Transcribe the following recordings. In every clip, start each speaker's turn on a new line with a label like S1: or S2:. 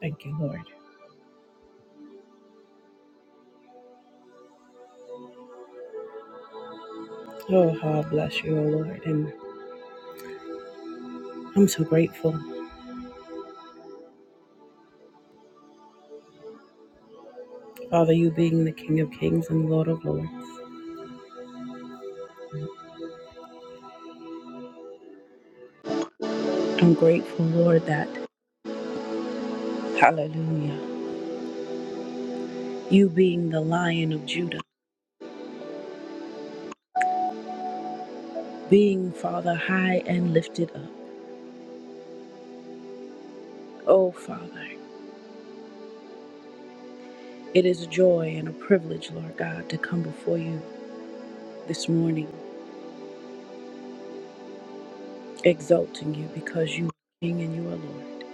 S1: Thank you, Lord. Oh, how I bless you, O Lord. And I'm so grateful, Father, you being the King of Kings and Lord of Lords. I'm grateful, Lord, that, hallelujah, you being the Lion of Judah, being, Father, high and lifted up. Oh, Father, it is a joy and a privilege, Lord God, to come before you this morning, exalting you because you are King and you are Lord.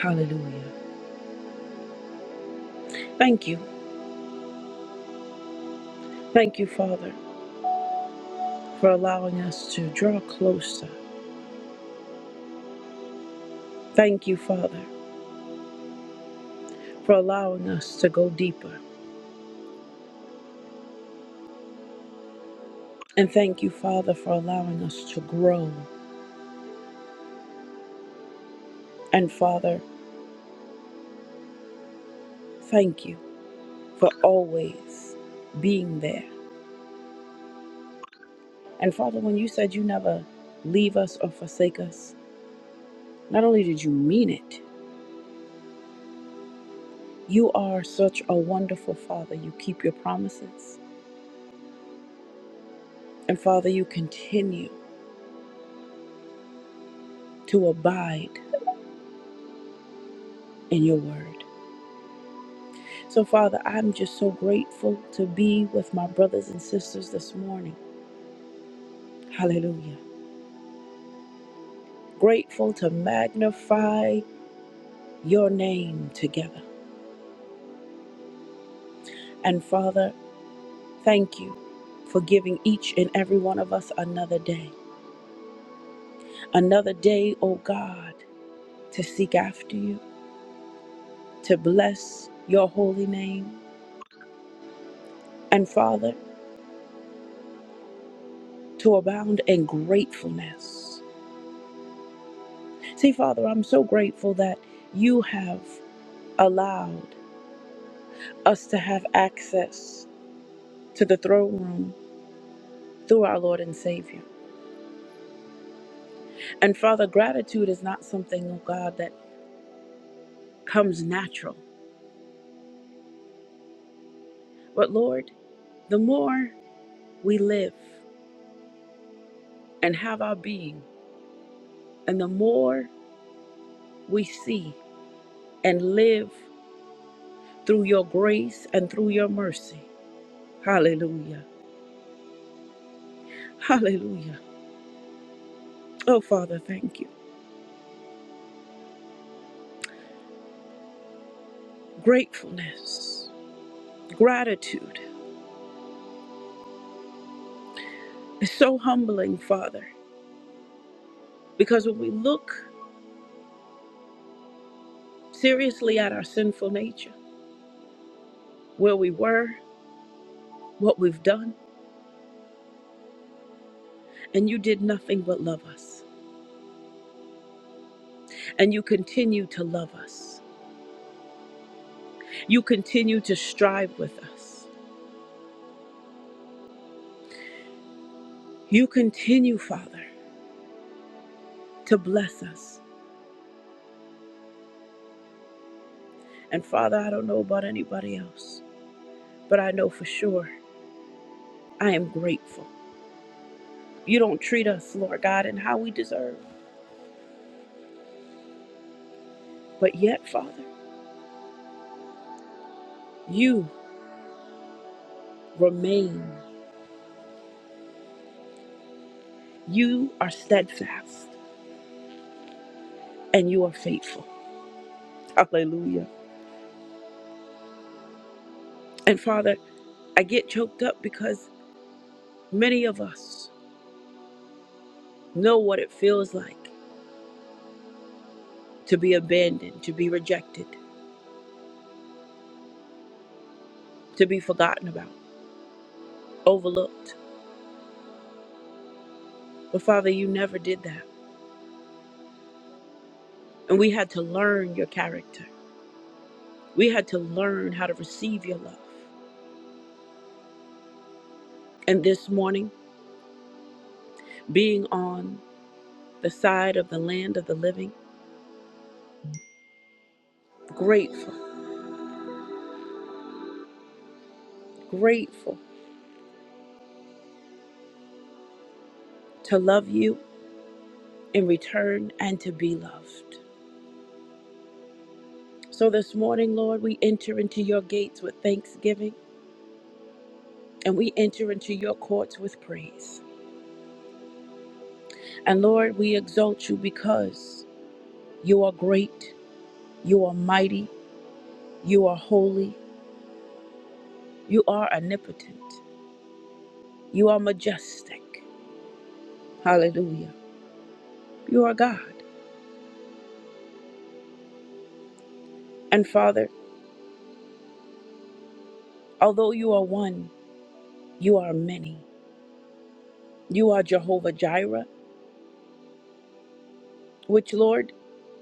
S1: Hallelujah. Thank you. Thank you, Father, for allowing us to draw closer. Thank you, Father. for allowing us to go deeper. And thank you, Father, for allowing us to grow. And Father, thank you for always being there. And Father, when you said you never leave us or forsake us, not only did you mean it, you are such a wonderful Father. You keep your promises. And Father, you continue to abide in your word. So, Father, I'm just so grateful to be with my brothers and sisters this morning. Hallelujah. grateful to magnify your name together. And Father, thank you for giving each and every one of us another day. Another day, O God, to seek after you, to bless your holy name. And Father, to abound in gratefulness. See, Father, I'm so grateful that you have allowed us to have access to the throne room through our Lord and Savior. And Father, gratitude is not something, oh God, that comes natural. But Lord, the more we live and have our being, and the more we see and live through your grace and through your mercy. Hallelujah. Hallelujah. Oh, Father, thank you. Gratefulness, gratitude is so humbling, Father, because when we look seriously at our sinful nature, where we were, what we've done, and you did nothing but love us, and you continue to love us. You continue to strive with us. You continue, Father, to bless us. And Father, I don't know about anybody else, but I know for sure I am grateful. You don't treat us, Lord God, in how we deserve. But yet, Father, you remain. You are steadfast and you are faithful. Hallelujah. And Father, I get choked up because many of us know what it feels like to be abandoned, to be rejected, to be forgotten about. overlooked. But Father, you never did that. And we had to learn your character. We had to learn how to receive your love. And this morning, being on the side of the land of the living, grateful, grateful to love you in return and to be loved. So this morning, Lord, we enter into your gates with thanksgiving and we enter into your courts with praise. And Lord, we exalt you because you are great, you are mighty, you are holy, You are omnipotent. You are majestic. Hallelujah. You are God. And Father, although you are one, you are many. You are Jehovah Jireh, which, Lord,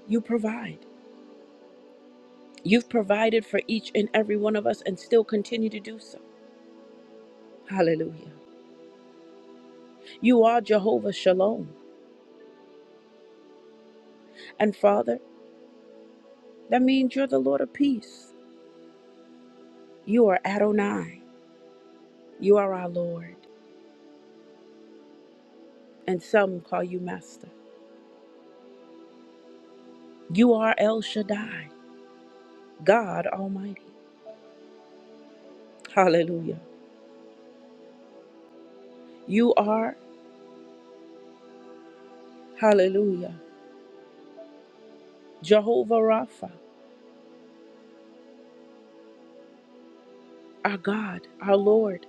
S1: you provide. You've provided for each and every one of us and still continue to do so. Hallelujah. You are Jehovah Shalom. And Father, that means you're the Lord of peace. You are Adonai. You are our Lord. And some call you Master. You are El Shaddai. God Almighty. Hallelujah. You are, hallelujah, Jehovah Rapha, our God, our Lord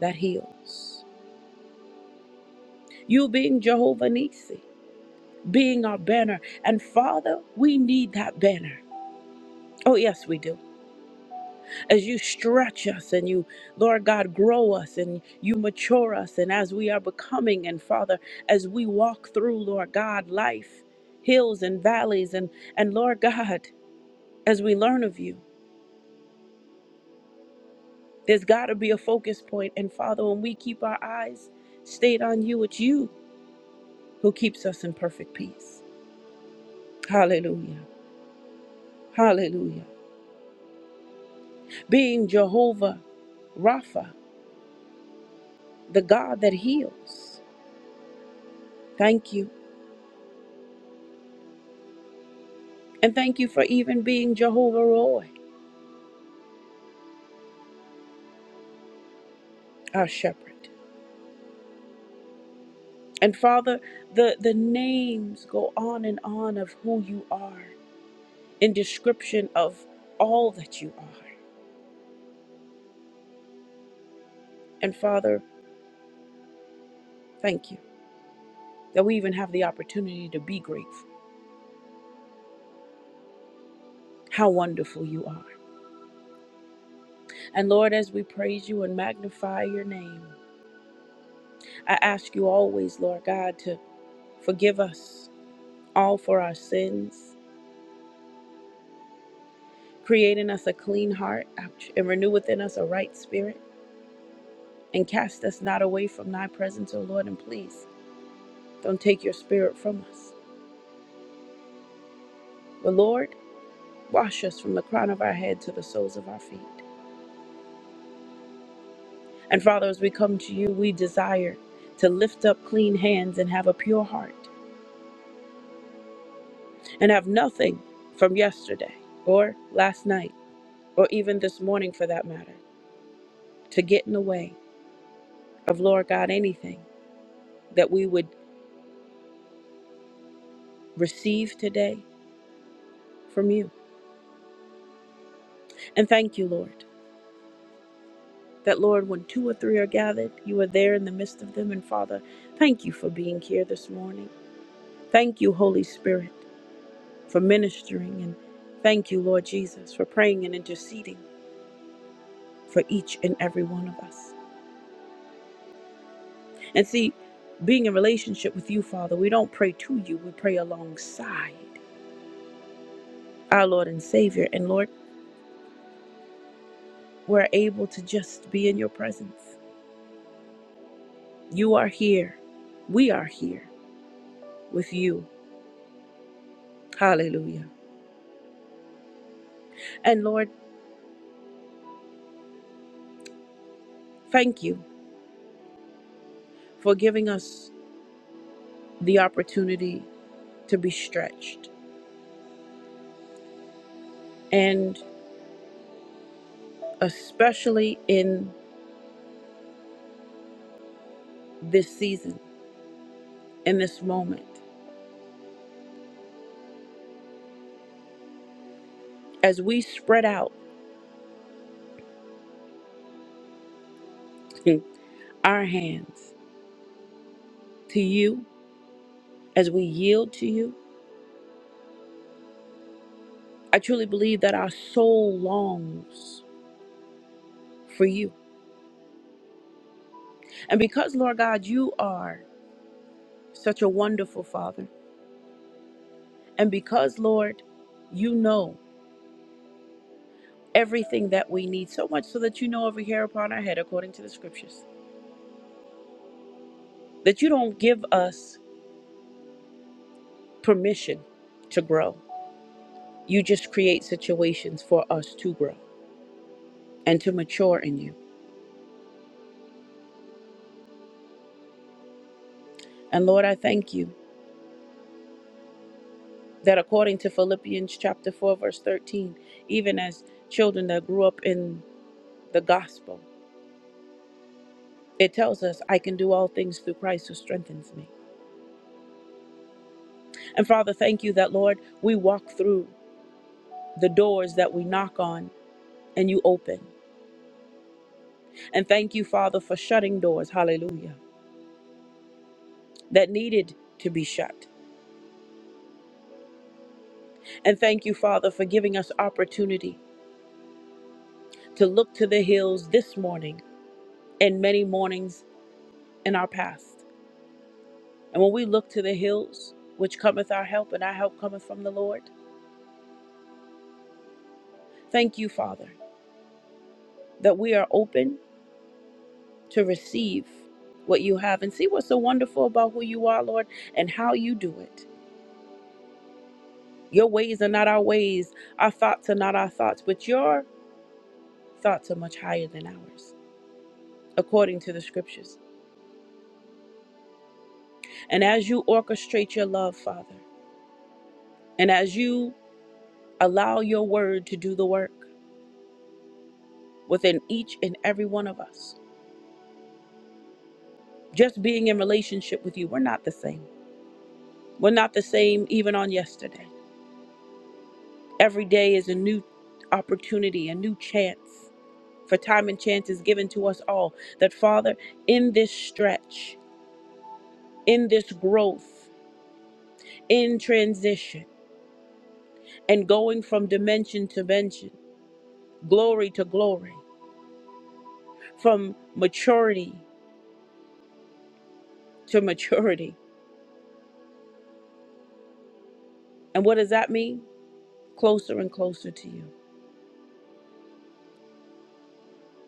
S1: that heals. You being Jehovah Nisi, being our banner. And Father, we need that banner. Oh, yes, we do. As you stretch us and you, Lord God, grow us and you mature us, and as we are becoming, and Father, as we walk through, Lord God, life, hills and valleys, and, and Lord God, as we learn of you. There's got to be a focus point. And Father, when we keep our eyes stayed on you, it's you who keeps us in perfect peace. Hallelujah. Hallelujah. Being Jehovah Rapha, the God that heals. Thank you. And thank you for even being Jehovah Roy, our shepherd. And Father, the, the names go on and on of who you are in description of all that you are. And Father, thank you that we even have the opportunity to be grateful how wonderful you are. And Lord, as we praise you and magnify your name, I ask you always, Lord God, to forgive us all for our sins, create in us a clean heart, ouch, and renew within us a right spirit, and cast us not away from thy presence, O Lord, and please don't take your spirit from us. But Lord, wash us from the crown of our head to the soles of our feet. And Father, as we come to you, we desire to lift up clean hands and have a pure heart. and have nothing from yesterday or last night or even this morning for that matter to get in the way of, Lord God, anything that we would receive today from you. And thank you, Lord, that, Lord, when two or three are gathered, you are there in the midst of them. And Father, thank you for being here this morning. Thank you, Holy Spirit, for ministering. And thank you, Lord Jesus, for praying and interceding for each and every one of us. And see, being in relationship with you, Father, we don't pray to you, we pray alongside our Lord and Savior. And Lord, we're able to just be in your presence. You are here. We are here with you. Hallelujah. And Lord, thank you for giving us the opportunity to be stretched. And especially in this season, in this moment, as we spread out our hands to you, as we yield to you, I truly believe that our soul longs for you. And because, Lord God, you are such a wonderful Father, and because, Lord, you know everything that we need, so much so that you know every hair upon our head, according to the scriptures, that you don't give us permission to grow. You just create situations for us to grow and to mature in you. And Lord, I thank you that according to Philippians chapter 4, verse 13, even as children that grew up in the gospel, It tells us, I can do all things through Christ who strengthens me. And Father, thank you that, Lord, we walk through the doors that we knock on and you open. And thank you, Father, for shutting doors, hallelujah, that needed to be shut. And thank you, Father, for giving us opportunity to look to the hills this morning and many mornings in our past. And when we look to the hills, which cometh our help, and our help cometh from the Lord, thank you, Father, that we are open to receive what you have and see what's so wonderful about who you are, Lord, and how you do it. Your ways are not our ways, our thoughts are not our thoughts, but your thoughts are much higher than ours, according to the scriptures. And as you orchestrate your love, Father, and as you allow your word to do the work within each and every one of us, just being in relationship with you, we're not the same. We're not the same even on yesterday. Every day is a new opportunity, a new chance for time and chance is given to us all. That, Father, in this stretch, in this growth, in transition, and going from dimension to dimension, glory to glory, from maturity to maturity. And what does that mean? Closer and closer to you.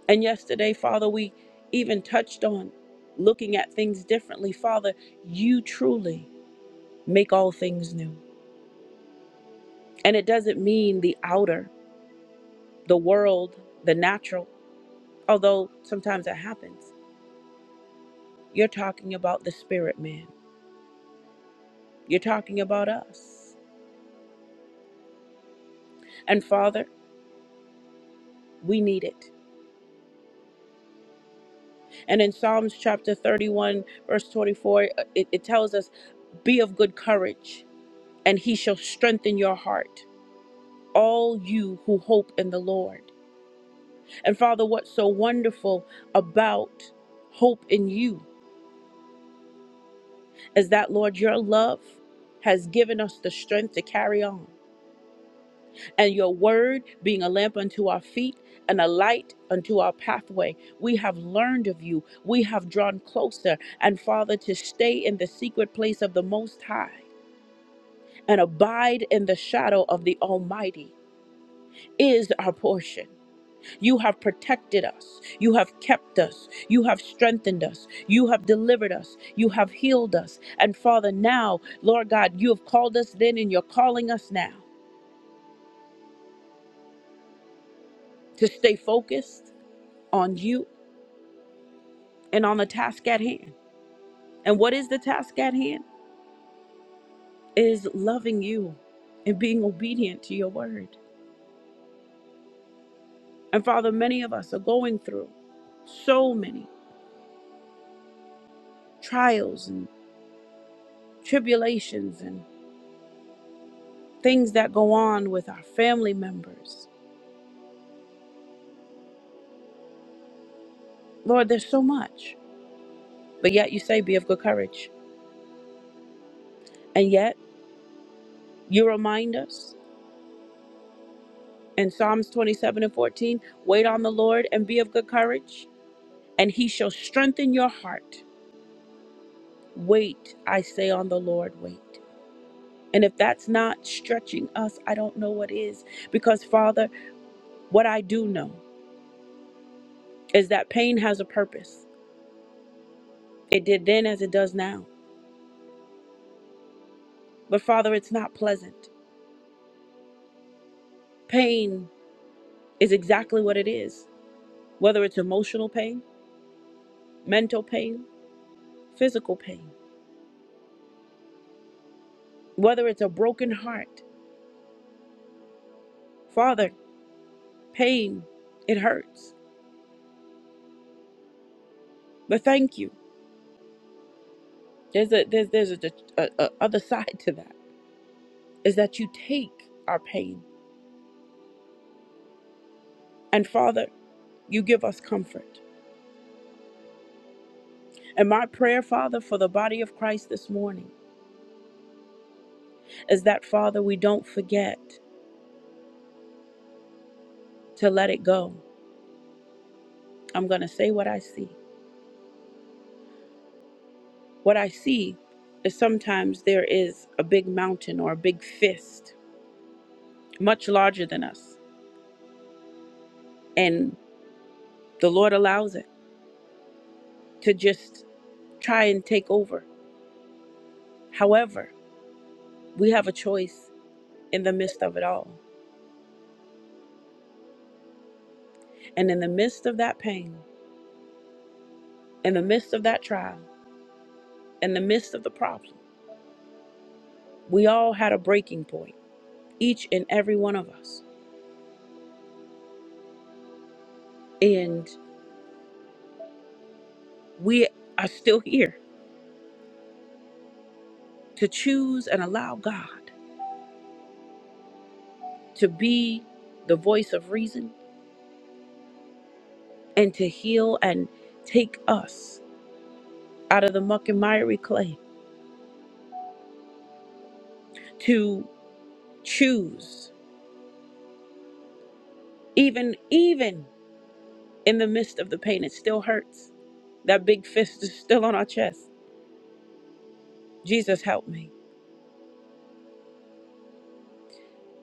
S1: And yesterday, Father, we even touched on looking at things differently. Father, you truly make all things new. And it doesn't mean the outer, the world, the natural. although sometimes it happens. You're talking about the spirit man. You're talking about us. And Father, we need it. And in Psalms chapter 31, verse 24, uh, it, it tells us, Be of good courage, and he shall strengthen your heart, all you who hope in the Lord. And Father, what's so wonderful about hope in you is that, Lord, your love has given us the strength to carry on. and your word being a lamp unto our feet and a light unto our pathway. We have learned of you. We have drawn closer. And Father, to stay in the secret place of the Most High and abide in the shadow of the Almighty is our portion. You have protected us. You have kept us. You have strengthened us. You have delivered us. You have healed us. And Father, now, Lord God, you have called us then and you're calling us now to stay focused on you and on the task at hand. And what is the task at hand? It Is loving you and being obedient to your word. And Father, many of us are going through so many trials and tribulations and things that go on with our family members. Lord, there's so much. But yet you say, be of good courage. And yet you remind us in Psalms 27 and 14 wait on the Lord and be of good courage, and he shall strengthen your heart. Wait, I say on the Lord, wait. And if that's not stretching us, I don't know what is. Because, Father, what I do know is that pain has a purpose. It did then as it does now. But, Father, it's not pleasant. Pain is exactly what it is, whether it's emotional pain, mental pain, physical pain, whether it's a broken heart. Father, pain, it hurts. But thank you. There's a there's there's a, a, a other side to that is that you take our pain And Father, you give us comfort. And my prayer, Father, for the body of Christ this morning is that, Father, we don't forget to let it go. I'm going to say what I see. What I see is sometimes there is a big mountain or a big fist, much larger than us. And the Lord allows it to just try and take over. However, we have a choice in the midst of it all. And in the midst of that pain, in the midst of that trial, in the midst of the problem, We all had a breaking point, each and every one of us. And we are still here to choose and allow God to be the voice of reason and to heal and take us out of the muck and miry clay to choose even even in the midst of the pain it still hurts that big fist is still on our chest jesus help me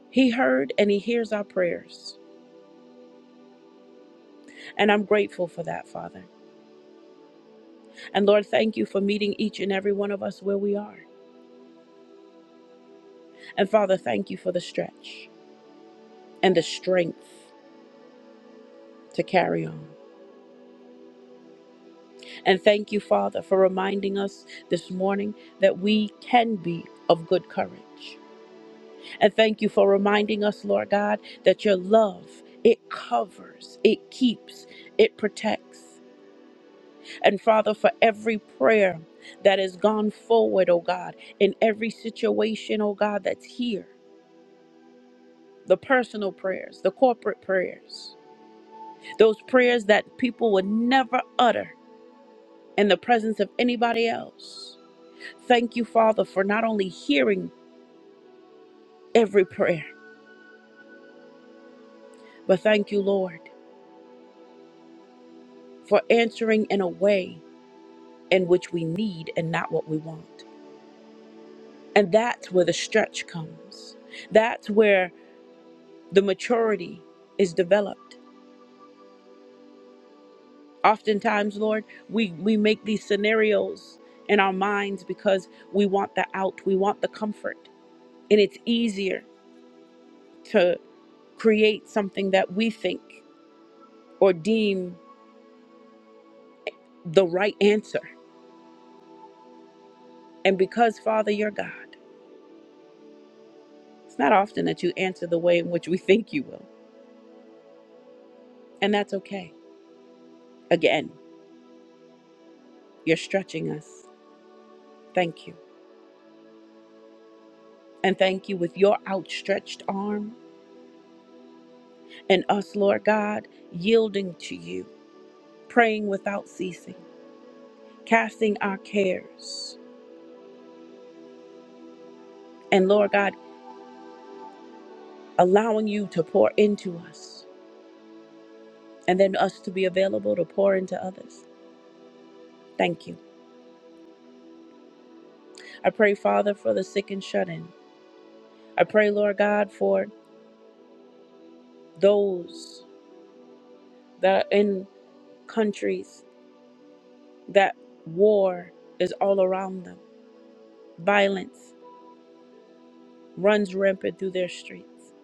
S1: he heard and he hears our prayers and i'm grateful for that father And Lord, thank you for meeting each and every one of us where we are. And Father, thank you for the stretch and the strength to carry on. And thank you, Father, for reminding us this morning that we can be of good courage. And thank you for reminding us, Lord God, that your love, it covers, it keeps, it protects. And Father, for every prayer that has gone forward, oh God, in every situation, oh God, that's here. the personal prayers, the corporate prayers, those prayers that people would never utter in the presence of anybody else. Thank you, Father, for not only hearing every prayer, but thank you, Lord, for answering in a way in which we need and not what we want. And that's where the stretch comes. That's where the maturity is developed. Oftentimes, Lord, we, we make these scenarios in our minds because we want the out, we want the comfort. And it's easier to create something that we think or deem the right answer. And because, Father, you're God, it's not often that you answer the way in which we think you will. And that's okay. Again, you're stretching us. Thank you. And thank you with your outstretched arm and us, Lord God, yielding to you, praying without ceasing, casting our cares. And Lord God, allowing you to pour into us and then us to be available to pour into others. Thank you. I pray, Father, for the sick and shut in. I pray, Lord God, for those that are in countries that war is all around them, violence runs rampant through their streets.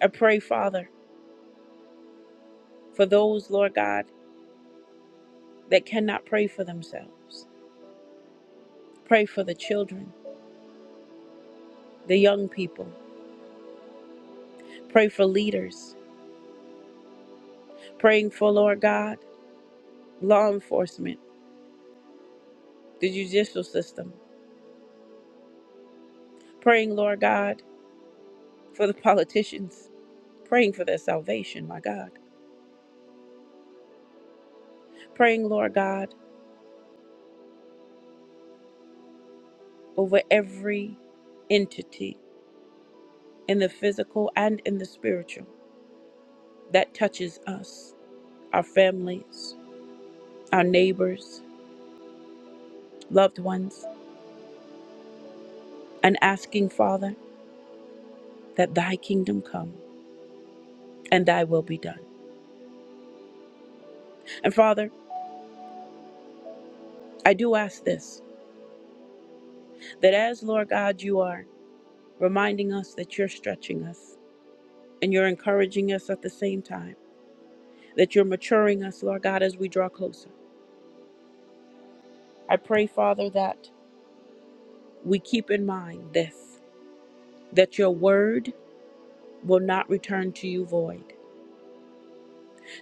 S1: I pray, Father, for those, Lord God, that cannot pray for themselves. Pray for the children, the young people. Pray for leaders. Praying for, Lord God, law enforcement, the judicial system. Praying, Lord God, for the politicians praying for their salvation, my God. Praying, Lord God, over every entity in the physical and in the spiritual that touches us, our families, our neighbors, loved ones, and asking, Father, that thy kingdom come and thy will be done. And Father, I do ask this that as, Lord God, you are reminding us that you're stretching us and you're encouraging us at the same time, that you're maturing us, Lord God, as we draw closer. I pray, Father, that we keep in mind this that your word will not return to you void.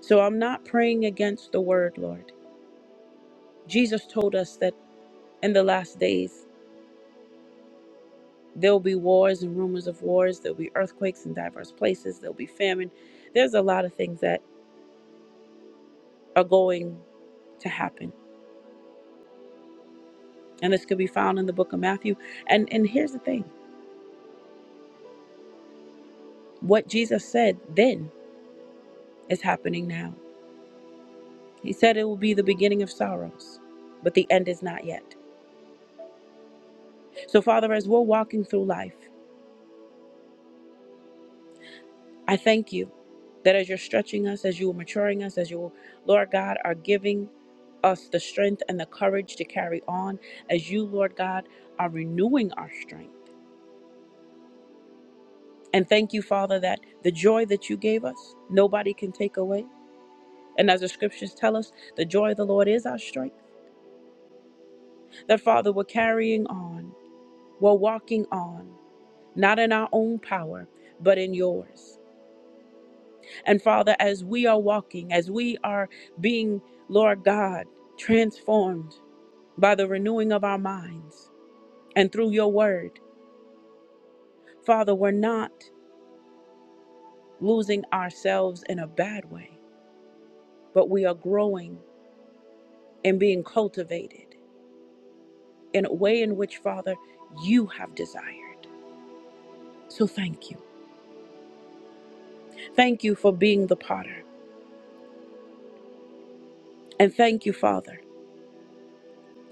S1: So I'm not praying against the word, Lord. Jesus told us that in the last days there'll be wars and rumors of wars, there'll be earthquakes in diverse places, there'll be famine. There's a lot of things that are going to happen. And this could be found in the book of Matthew. And and here's the thing. What Jesus said then is happening now. He said it will be the beginning of sorrows, but the end is not yet. So, Father, as we're walking through life, I thank you that as you're stretching us, as you are maturing us, as you, Lord God, are giving us the strength and the courage to carry on, as you, Lord God, are renewing our strength. And thank you, Father, that the joy that you gave us, nobody can take away. And as the scriptures tell us, the joy of the Lord is our strength. That, Father, we're carrying on, we're walking on, not in our own power, but in yours. And Father, as we are walking, as we are being, Lord God, transformed by the renewing of our minds and through your word, Father, we're not losing ourselves in a bad way, but we are growing and being cultivated in a way in which, Father, you have desired. So thank you. Thank you for being the potter. And thank you, Father,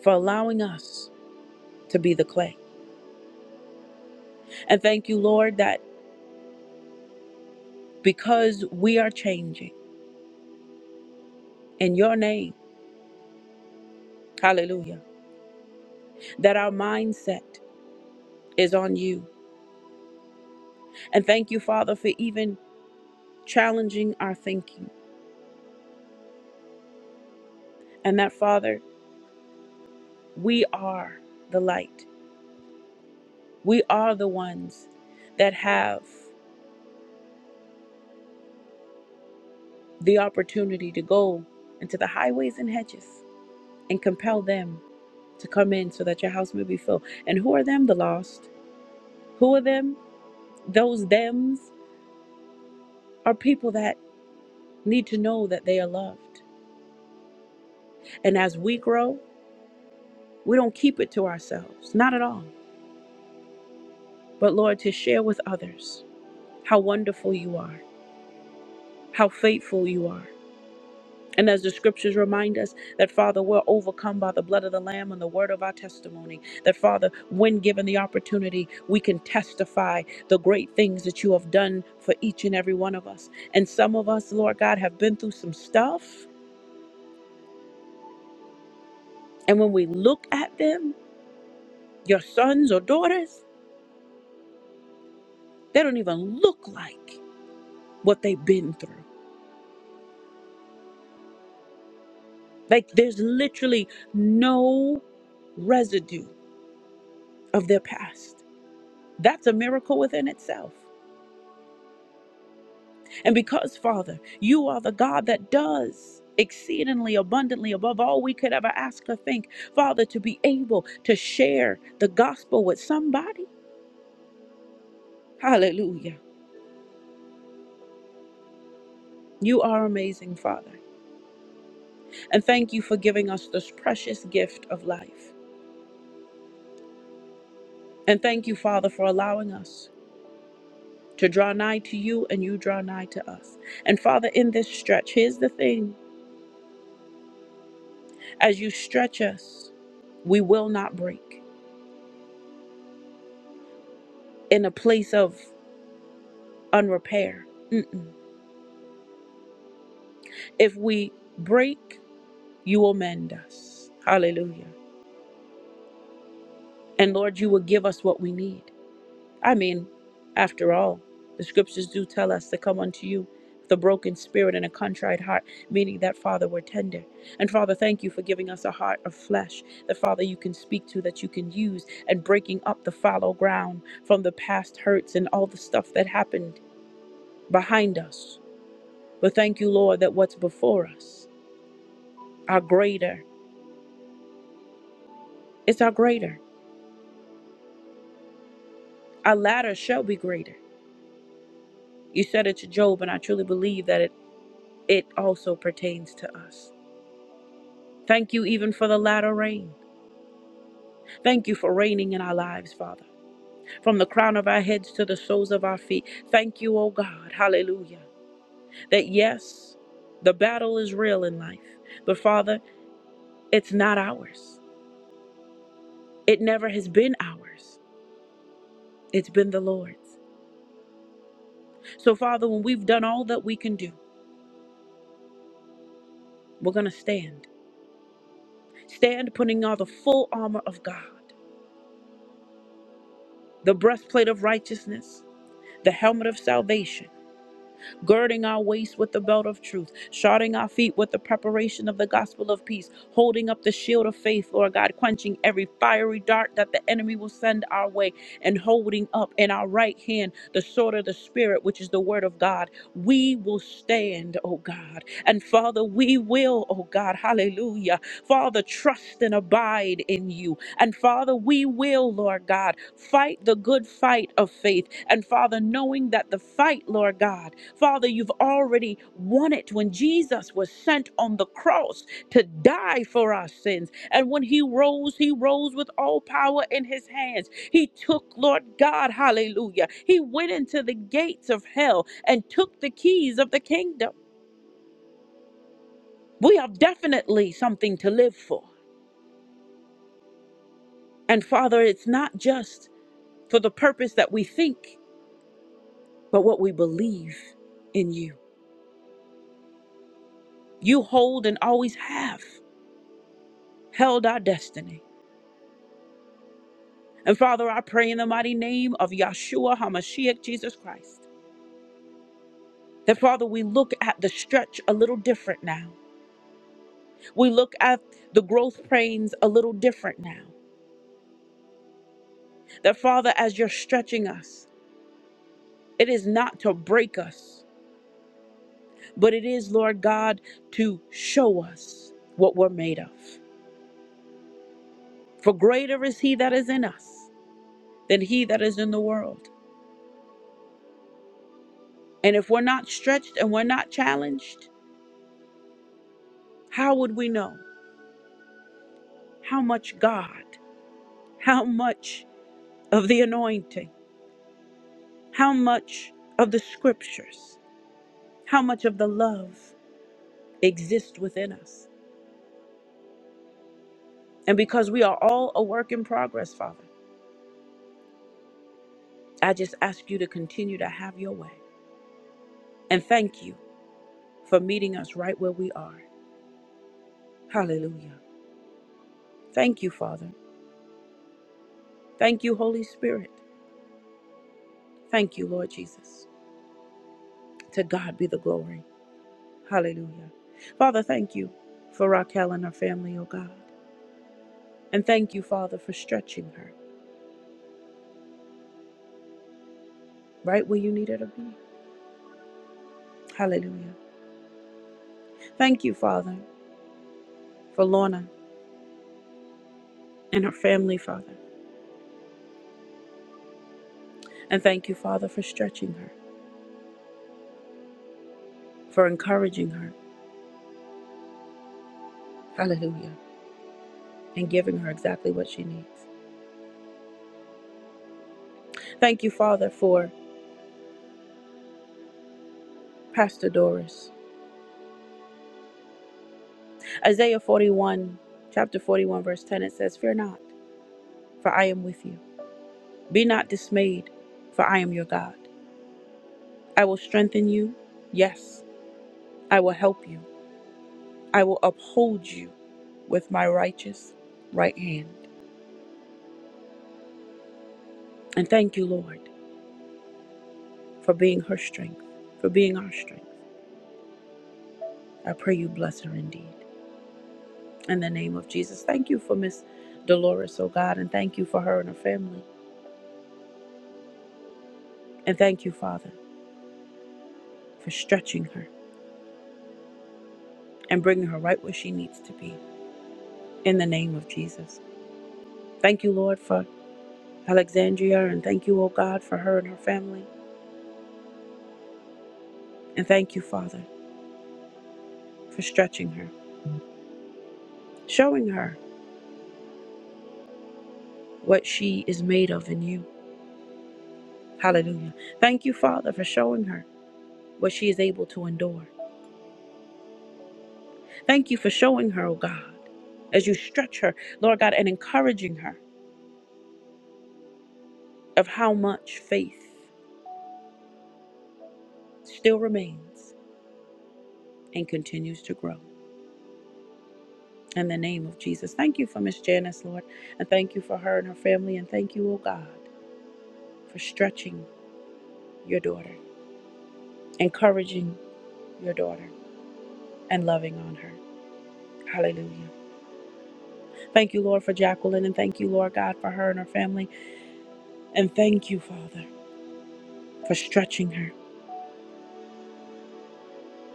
S1: for allowing us to be the clay. And thank you, Lord, that because we are changing, in your name. Hallelujah. That our mindset is on you. And thank you, Father, for even challenging our thinking. And that, Father, we are the light. We are the ones that have the opportunity to go into the highways and hedges and compel them to come in so that your house may be filled. And who are them? The lost. Who are them? Those thems are people that need to know that they are loved. And as we grow, We don't keep it to ourselves, not at all. But Lord, to share with others how wonderful you are, how faithful you are. And as the scriptures remind us that, Father, we're overcome by the blood of the Lamb and the word of our testimony. That, Father, when given the opportunity, we can testify the great things that you have done for each and every one of us. And some of us, Lord God, have been through some stuff. And when we look at them, your sons or daughters, they don't even look like what they've been through. Like there's literally no residue of their past. That's a miracle within itself. And because, Father, you are the God that does exceedingly abundantly above all we could ever ask or think, Father, to be able to share the gospel with somebody. Hallelujah. You are amazing, Father. And thank you for giving us this precious gift of life. And thank you, Father, for allowing us to draw nigh to you and you draw nigh to us. And Father, in this stretch, here's the thing as you stretch us, we will not break in a place of unrepair. Mm-mm. If we break, you will mend us. Hallelujah. And Lord, you will give us what we need. I mean, after all, the scriptures do tell us to come unto you with a broken spirit and a contrite heart, meaning that, Father, we're tender. And Father, thank you for giving us a heart of flesh that, Father, you can speak to, that you can use, and breaking up the fallow ground from the past hurts and all the stuff that happened behind us. But thank you, Lord, that what's before us, our greater, it's our greater. Our latter shall be greater. You said it to Job, and I truly believe that it, it also pertains to us. Thank you even for the latter rain. Thank you for reigning in our lives, Father, from the crown of our heads to the soles of our feet. Thank you, O God, hallelujah, that yes, the battle is real in life, but Father, it's not ours. It never has been ours, it's been the Lord's. So, Father, when we've done all that we can do, we're going to stand. Stand putting on the full armor of God, the breastplate of righteousness, the helmet of salvation girding our waist with the belt of truth, shodding our feet with the preparation of the gospel of peace, holding up the shield of faith, Lord God, quenching every fiery dart that the enemy will send our way, and holding up in our right hand the sword of the Spirit, which is the word of God. We will stand, oh God. And Father, we will, oh God, hallelujah. Father, trust and abide in you. And Father, we will, Lord God, fight the good fight of faith. And Father, knowing that the fight, Lord God, Father, you've already won it when Jesus was sent on the cross to die for our sins. And when he rose, he rose with all power in his hands. He took, Lord God, hallelujah. He went into the gates of hell and took the keys of the kingdom. We have definitely something to live for. And Father, it's not just for the purpose that we think. but what we believe in you. You hold and always have held our destiny. And Father, I pray in the mighty name of Yahshua HaMashiach, Jesus Christ, that Father, we look at the stretch a little different now. We look at the growth pains a little different now. That Father, as you're stretching us, it is not to break us, but it is, Lord God, to show us what we're made of. For greater is He that is in us than He that is in the world. And if we're not stretched and we're not challenged, how would we know how much God, how much of the anointing, how much of the scriptures, how much of the love exists within us? And because we are all a work in progress, Father, I just ask you to continue to have your way. And thank you for meeting us right where we are. Hallelujah. Thank you, Father. Thank you, Holy Spirit. Thank you, Lord Jesus. To God be the glory. Hallelujah. Father, thank you for Raquel and her family, oh God. And thank you, Father, for stretching her right where you need her to be. Hallelujah. Thank you, Father, for Lorna and her family, Father. And thank you, Father, for stretching her, for encouraging her. Hallelujah. And giving her exactly what she needs. Thank you, Father, for Pastor Doris. Isaiah 41, chapter 41, verse 10, it says, Fear not, for I am with you. Be not dismayed, for I am your God. I will strengthen you. Yes, I will help you. I will uphold you with my righteous right hand. And thank you, Lord, for being her strength, for being our strength. I pray you bless her indeed. In the name of Jesus, thank you for Miss Dolores, oh God, and thank you for her and her family. And thank you, Father, for stretching her and bringing her right where she needs to be. In the name of Jesus. Thank you, Lord, for Alexandria, and thank you, oh God, for her and her family. And thank you, Father. for stretching her, showing her what she is made of in you. Hallelujah. Thank you, Father, for showing her what she is able to endure. Thank you for showing her, oh God, as you stretch her, Lord God, and encouraging her of how much faith still remains and continues to grow. In the name of Jesus. Thank you for Miss Janice, Lord, and thank you for her and her family, and thank you, oh God, for stretching your daughter, encouraging your daughter, and loving on her. Hallelujah. Thank you, Lord, for Jacqueline, and thank you, Lord God, for her and her family. And thank you, Father, for stretching her.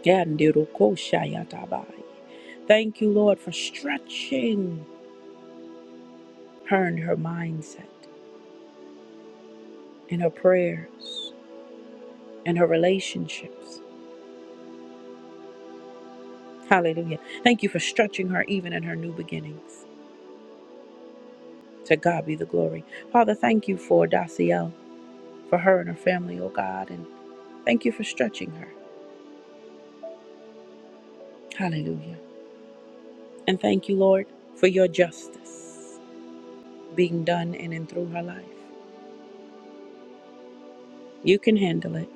S1: Yandirukoshayatabaya. Thank you, Lord, for stretching her and her mindset, and her prayers, and her relationships. Hallelujah. Thank you for stretching her even in her new beginnings. To God be the glory. Father, thank you for Daciel, for her and her family, oh God, and thank you for stretching her. Hallelujah. And thank you, Lord, for your justice. being done in and through her life. You can handle it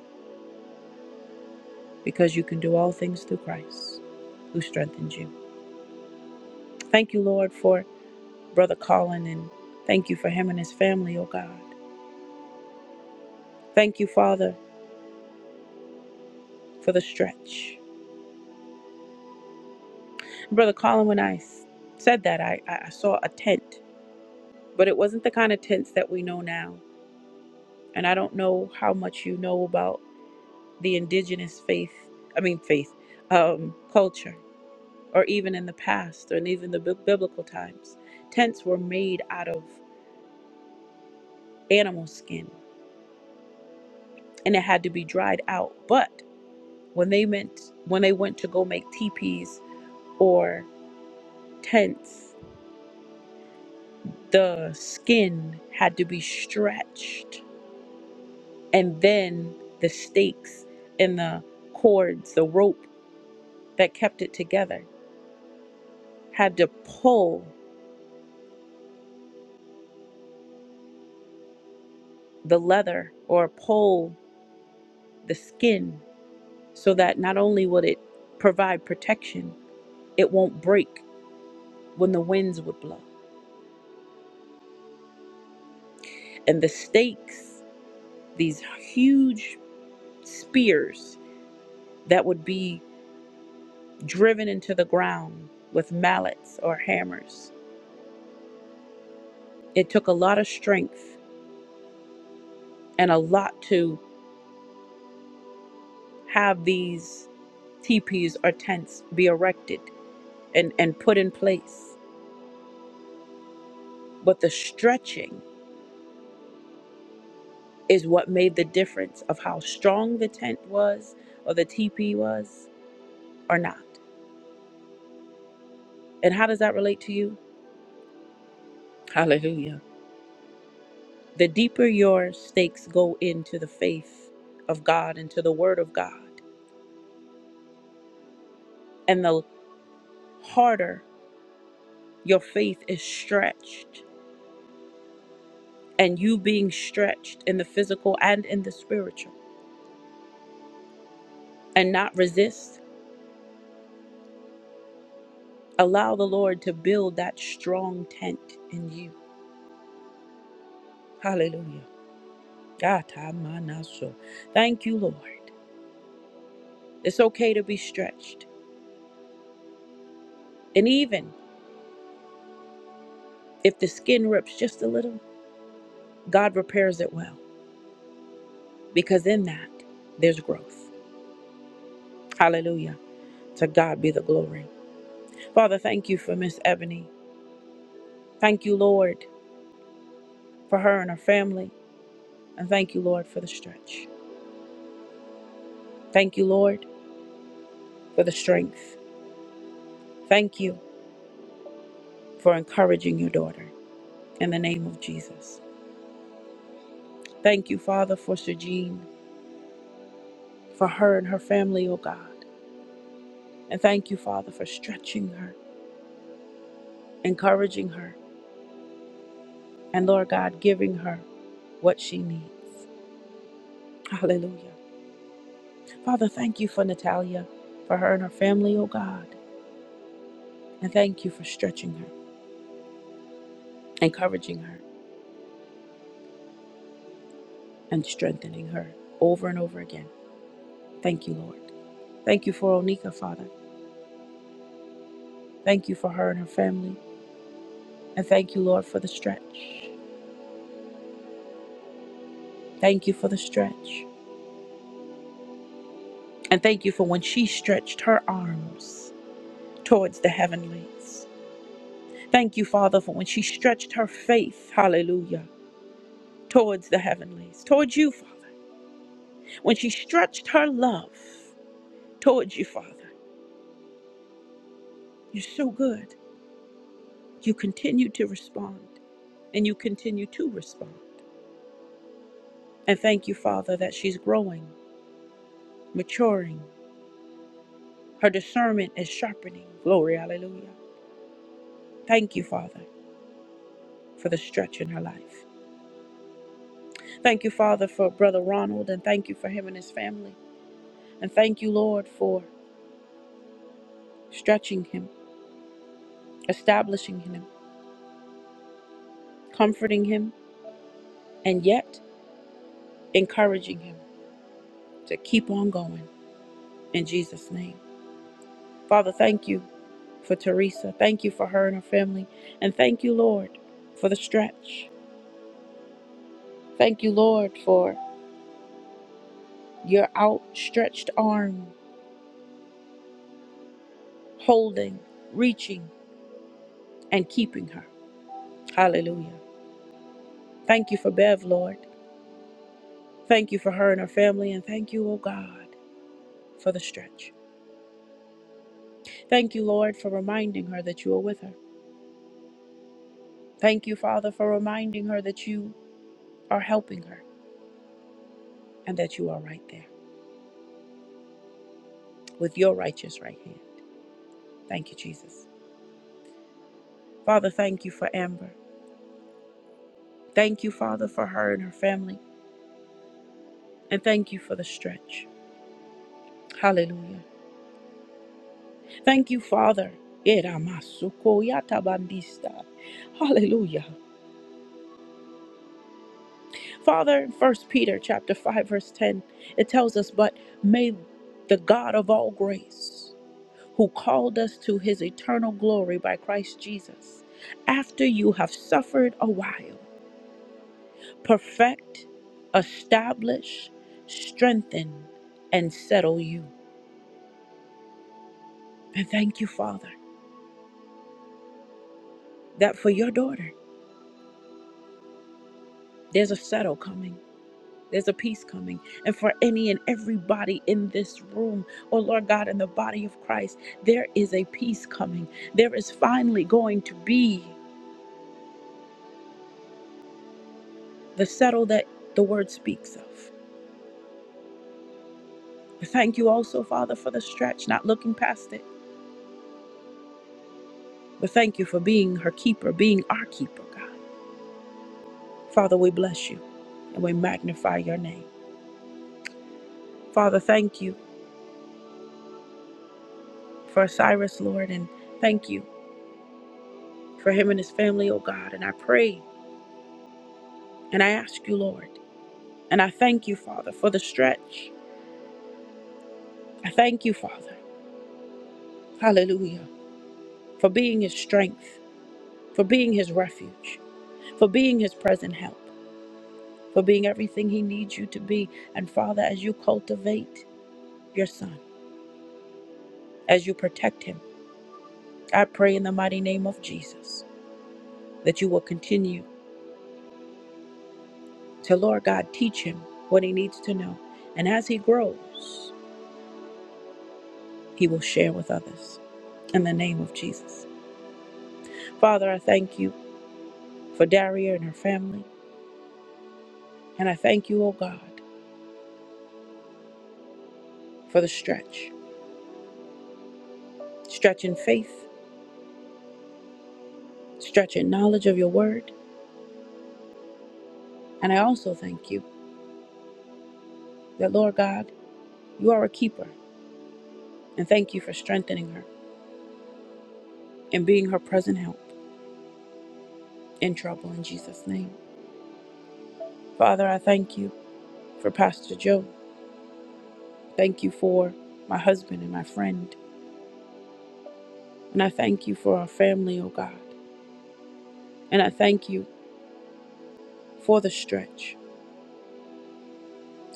S1: because you can do all things through Christ who strengthens you. Thank you, Lord, for Brother Colin, and thank you for him and his family, oh God. Thank you, Father, for the stretch. Brother Colin, when I said that, I, I I saw a tent, but it wasn't the kind of tents that we know now. And I don't know how much you know about the indigenous faith, I mean, faith, um, culture. or even in the past and even the bib- biblical times. Tents were made out of animal skin and it had to be dried out. But when they meant when they went to go make teepees or tents, the skin had to be stretched and then the stakes and the cords, the rope that kept it together had to pull the leather or pull the skin so that not only would it provide protection, It won't break when the winds would blow. And the stakes, these huge spears that would be driven into the ground with mallets or hammers. It took a lot of strength and a lot to have these teepees or tents be erected and, and put in place. But the stretching is what made the difference of how strong the tent was or the teepee was or not. And how does that relate to you? Hallelujah. The deeper your stakes go into the faith of God, into the Word of God, and the harder your faith is stretched, and you being stretched in the physical and in the spiritual, and not resist, allow the Lord to build that strong tent in you. Hallelujah. Gata manaso. Thank you, Lord. It's okay to be stretched. And even if the skin rips just a little, God repairs it well because in that there's growth. Hallelujah. To God be the glory. Father, thank you for Miss Ebony. Thank you, Lord, for her and her family. And thank you, Lord, for the stretch. Thank you, Lord, for the strength. Thank you for encouraging your daughter in the name of Jesus. Thank you, Father, for Sejean, for her and her family, oh God. And thank you, Father, for stretching her, encouraging her, and Lord God, giving her what she needs. Hallelujah. Father, thank you for Natalia, for her and her family, oh God. And thank you for stretching her, encouraging her, and strengthening her over and over again. Thank you, Lord. Thank you for Onika, Father. Thank you for her and her family. And thank you, Lord, for the stretch. Thank you for the stretch. And thank you for when she stretched her arms towards the heavenlies. Thank you, Father, for when she stretched her faith, hallelujah, towards the heavenlies, towards you, Father. When she stretched her love towards you, Father. You're so good. You continue to respond and you continue to respond. And thank you, Father, that she's growing, maturing. Her discernment is sharpening. Glory, hallelujah. Thank you, Father, for the stretch in her life. Thank you, Father, for Brother Ronald, and thank you for him and his family. And thank you, Lord, for stretching him, establishing him, comforting him, and yet encouraging him to keep on going in Jesus' name. Father, thank you for Teresa. Thank you for her and her family. And thank you, Lord, for the stretch. Thank you, Lord, for your outstretched arm holding, reaching, and keeping her. Hallelujah. Thank you for Bev, Lord. Thank you for her and her family. And thank you, oh God, for the stretch. Thank you, Lord, for reminding her that you are with her. Thank you, Father, for reminding her that you are helping her and that you are right there with your righteous right hand. Thank you, Jesus. Father, thank you for Amber. Thank you, Father, for her and her family. And thank you for the stretch. Hallelujah. Thank you, Father. Era masuko yata bandista. Hallelujah. Father, in 1 Peter chapter 5, verse 10, it tells us, But may the God of all grace, who called us to his eternal glory by Christ Jesus, after you have suffered a while, perfect, establish, strengthen, and settle you. And thank you, Father, that for your daughter, there's a settle coming. There's a peace coming. And for any and everybody in this room, oh Lord God, in the body of Christ, there is a peace coming. There is finally going to be the settle that the word speaks of. I Thank you also, Father, for the stretch, not looking past it. But thank you for being her keeper, being our keeper, God. Father, we bless you and we magnify your name. Father, thank you for Cyrus, Lord, and thank you for him and his family, oh God. And I pray and I ask you, Lord. And I thank you, Father, for the stretch. I thank you, Father. Hallelujah. For being his strength, for being his refuge, for being his present help, for being everything he needs you to be. And Father, as you cultivate your son, as you protect him, I pray in the mighty name of Jesus that you will continue to, Lord God, teach him what he needs to know. And as he grows, he will share with others. In the name of Jesus. Father, I thank you for Daria and her family. And I thank you, oh God, for the stretch. Stretch in faith, stretch in knowledge of your word. And I also thank you that, Lord God, you are a keeper. And thank you for strengthening her and being her present help in trouble in Jesus' name. Father, I thank you for Pastor Joe. Thank you for my husband and my friend. And I thank you for our family, oh God. And I thank you for the stretch.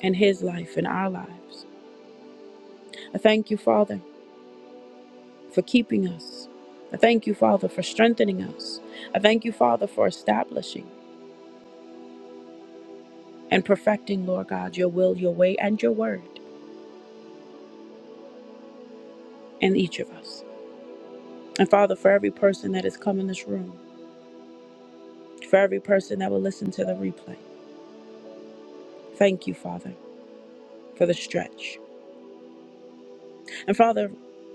S1: and his life in our lives. I thank you, Father, for keeping us. I thank you, Father, for strengthening us. I thank you, Father, for establishing and perfecting, Lord God, your will, your way, and your word in each of us. And Father, for every person that has come in this room, for every person that will listen to the replay, thank you, Father, for the stretch. And Father,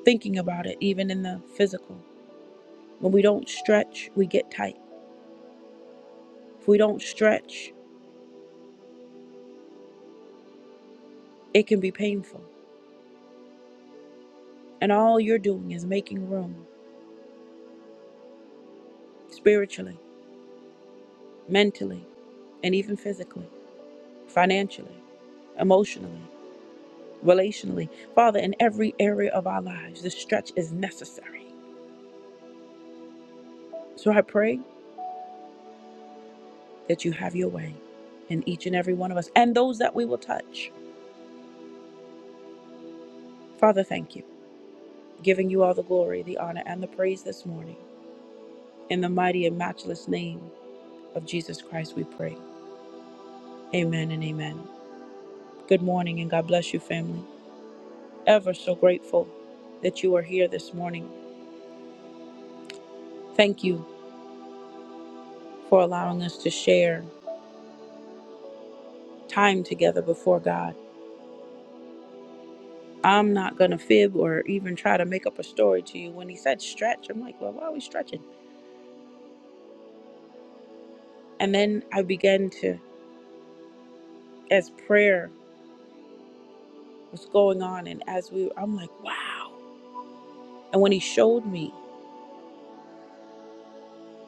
S1: thinking about it, even in the physical, when we don't stretch, we get tight. If we don't stretch, it can be painful. And all you're doing is making room spiritually, mentally, and even physically, financially, emotionally, relationally. Father, in every area of our lives, this stretch is necessary. So I pray that you have your way in each and every one of us and those that we will touch. Father, thank you. Giving you all the glory, the honor, and the praise this morning. In the mighty and matchless name of Jesus Christ, we pray. Amen and amen. Good morning and God bless you, family. ever so grateful that you are here this morning. Thank you for allowing us to share time together before God. I'm not going to fib or even try to make up a story to you. When he said stretch, I'm like, well, why are we stretching? And then I began to, as prayer was going on, and as we, I'm like, wow. And when he showed me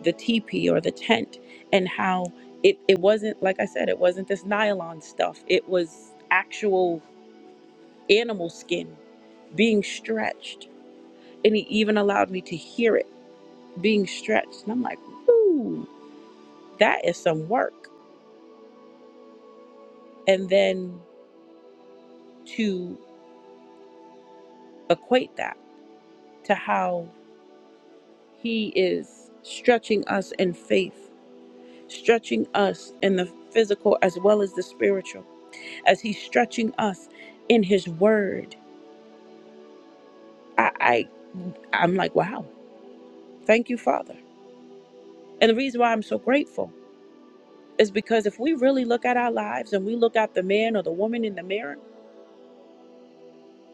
S1: the teepee or the tent and how it, it wasn't, like I said, it wasn't this nylon stuff, it was actual animal skin being stretched and he even allowed me to hear it being stretched. And I'm like, ooh, that is some work. And then to equate that to how he is stretching us in faith, stretching us in the physical as well as the spiritual, as he's stretching us in his word. I, I I'm like, wow, thank you, Father. And the reason why I'm so grateful is because if we really look at our lives and we look at the man or the woman in the mirror,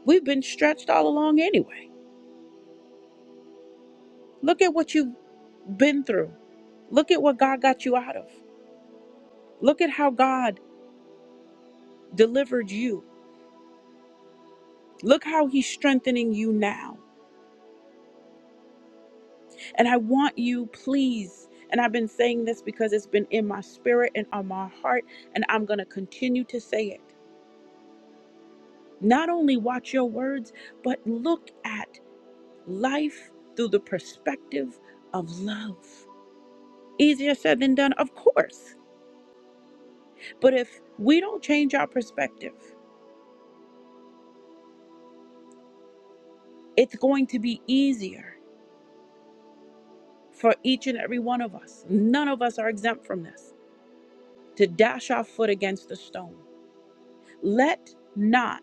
S1: we've been stretched all along anyway Look at what you've been through. Look at what God got you out of. Look at how God delivered you. Look how He's strengthening you now. And I want you, please, and I've been saying this because it's been in my spirit and on my heart, and I'm going to continue to say it. Not only watch your words, but look at life through the perspective of love. Easier said than done, of course. But if we don't change our perspective, it's going to be easier for each and every one of us. None of us are exempt from this to dash our foot against the stone. Let not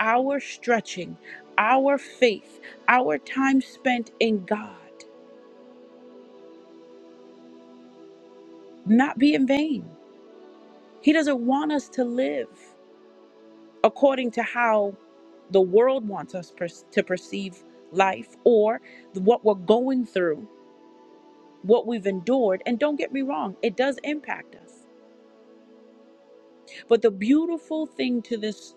S1: our stretching, our faith, our time spent in God not be in vain. He doesn't want us to live according to how the world wants us per- to perceive life or what we're going through, what we've endured. And don't get me wrong, it does impact us. But the beautiful thing to this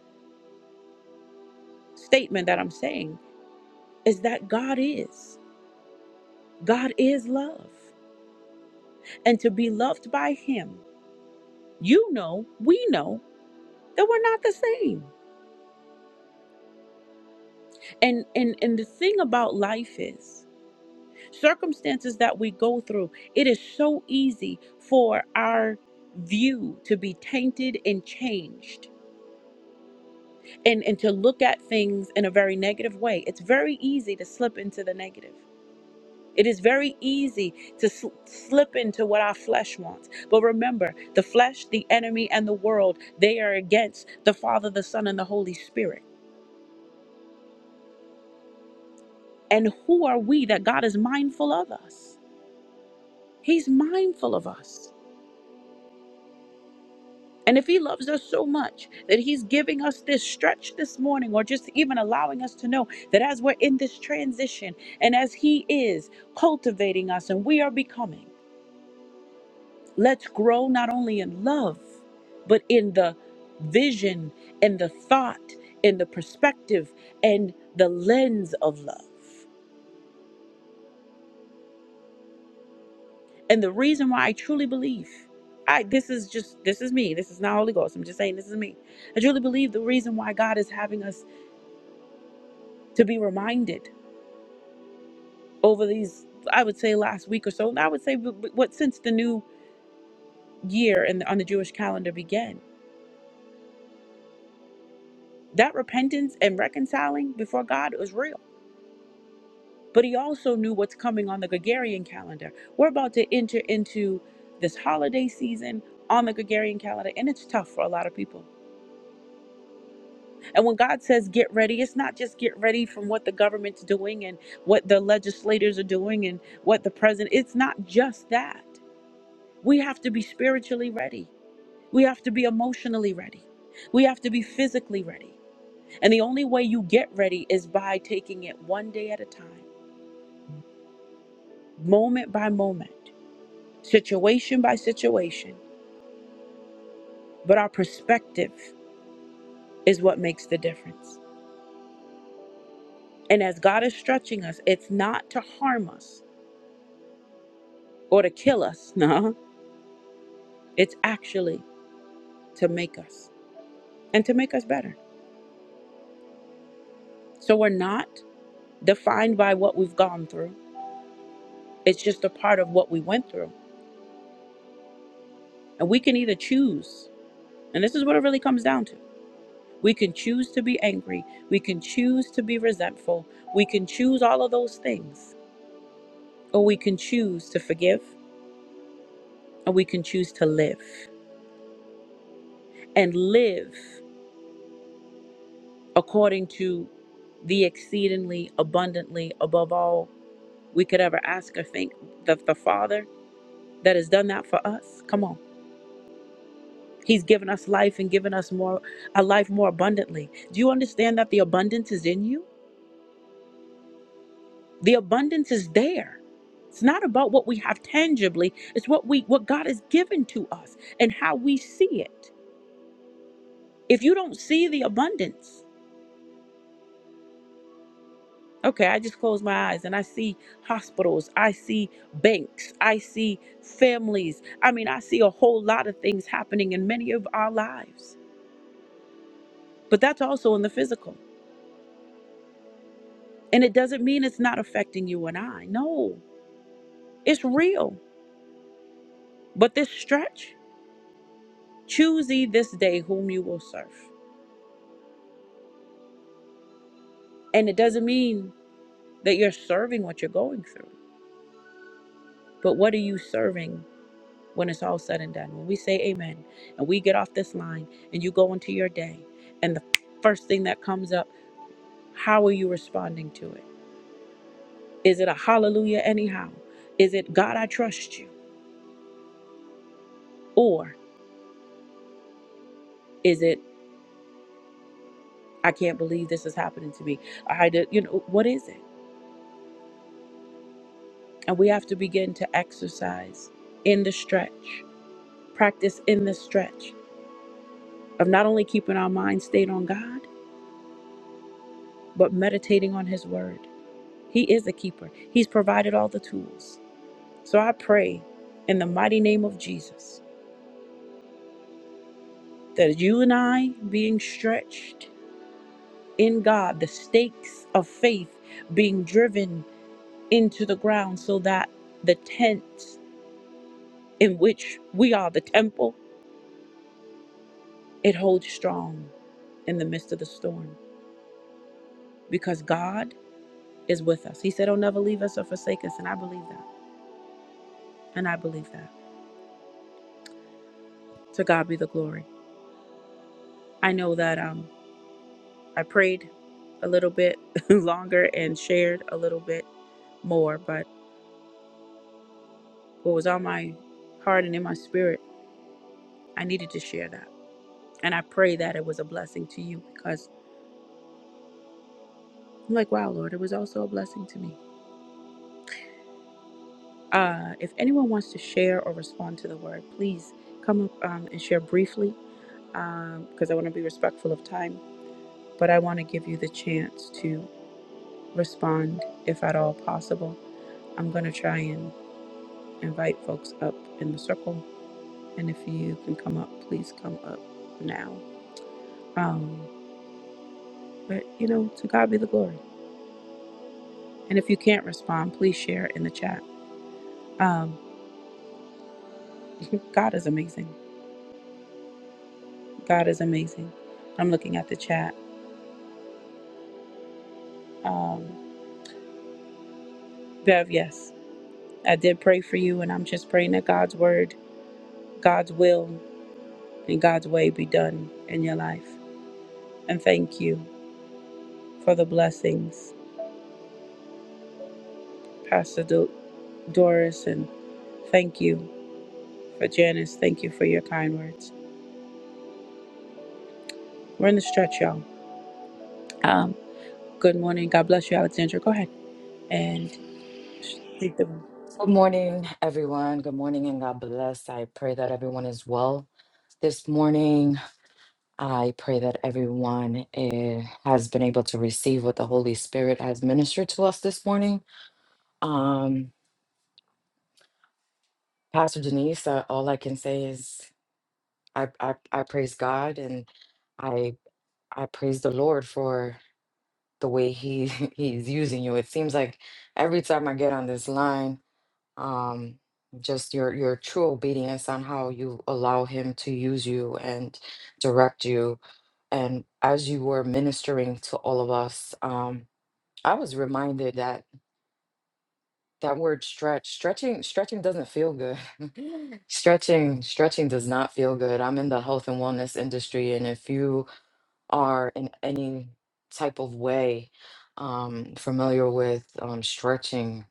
S1: statement that I'm saying is that God is. God is love. And to be loved by him, you know, we know that we're not the same. And and and the thing about life is circumstances that we go through, it is so easy for our view to be tainted and changed and and to look at things in a very negative way. It's very easy to slip into the negative. It is very easy to sl- slip into what our flesh wants. But remember, the flesh, the enemy, and the world, they are against the Father, the Son, and the Holy Spirit. And who are we that God is mindful of us? He's mindful of us. And if He loves us so much that He's giving us this stretch this morning, or just even allowing us to know that as we're in this transition and as He is cultivating us and we are becoming, Let's grow not only in love, but in the vision and the thought and the perspective and the lens of love. And the reason why I truly believe, I this is just this is me. This is not Holy Ghost. I'm just saying this is me. I truly believe the reason why God is having us to be reminded over these, I would say last week or so, and I would say w- w- what since the new year and on the Jewish calendar began. That repentance and reconciling before God was real but he also knew what's coming on the Gregorian calendar. We're about to enter into this holiday season on the Gregorian calendar, and it's tough for a lot of people. And when God says get ready, it's not just get ready from what the government's doing and what the legislators are doing and what the president, it's not just that. We have to be spiritually ready, we have to be emotionally ready, we have to be physically ready. And the only way you get ready is by taking it one day at a time, moment by moment. situation by situation, but our perspective is what makes the difference. And as God is stretching us, it's not to harm us or to kill us, no, it's actually to make us and to make us better. So we're not defined by what we've gone through, it's just a part of what we went through. And we can either choose, and this is what it really comes down to. We can choose to be angry. We can choose to be resentful. We can choose all of those things. Or we can choose to forgive and we can choose to live and live according to the exceedingly abundantly above all we could ever ask or think the, the father that has done that for us come on he's given us life and given us more a life more abundantly do you understand that the abundance is in you the abundance is there it's not about what we have tangibly it's what we what god has given to us and how we see it if you don't see the abundance Okay, I just close my eyes and I see hospitals, I see banks, I see families. I mean, I see a whole lot of things happening in many of our lives, but that's also in the physical. And it doesn't mean it's not affecting you and I. No, it's real. But this stretch, choose ye this day whom you will serve. And it doesn't mean that you're serving what you're going through, but what are you serving when it's all said and done. When we say amen and we get off this line and you go into your day, and the first thing that comes up, how are you responding to it? Is it a hallelujah anyhow? Is it God, I trust you? Or is it I can't believe this is happening to me? I did, you know, what is it? And we have to begin to exercise in the stretch, practice in the stretch of not only keeping our mind stayed on God, but meditating on His Word. He is a keeper. He's provided all the tools. So I pray in the mighty name of Jesus that you and I being stretched in God, the stakes of faith being driven into the ground so that the tent in which we are the temple, it holds strong in the midst of the storm because God is with us. He said, "He'll never leave us or forsake us. And I believe that. And I believe that. To God be the glory. I know that um, I prayed a little bit longer and shared a little bit more, but what was on my heart and in my spirit, I needed to share that. And I pray that it was a blessing to you because I'm like, wow, Lord, it was also a blessing to me. Uh, if anyone wants to share or respond to the word, please come up um, and share briefly because um, I want to be respectful of time, but I want to give you the chance to respond if at all possible. I'm going to try and invite folks up in the circle And if you can come up, please come up now. Um, but you know, to God be the glory. And if you can't respond, please share in the chat. Um, God is amazing. God is amazing. I'm looking at the chat. Um, Bev, yes, I did pray for you, and I'm just praying that God's word, God's will, and God's way be done in your life. And thank you for the blessings, Pastor Do- Doris, and thank you for Janice. Thank you for your kind words. We're in the stretch, y'all. Um, good morning. God bless you, Alexandra. Go ahead and leave the room.
S2: Good morning, everyone. Good morning and God bless. I pray that everyone is well this morning. I pray that everyone eh, has been able to receive what the Holy Spirit has ministered to us this morning. Um, Pastor Denise, uh, all I can say is I, I, I praise God and I I praise the Lord for the way he he's using you. It seems like every time I get on this line, um just your your true obedience on how you allow him to use you and direct you and as you were ministering to all of us um i was reminded that that word stretch stretching stretching doesn't feel good stretching stretching does not feel good i'm in the health and wellness industry and if you are in any type of way um familiar with um stretching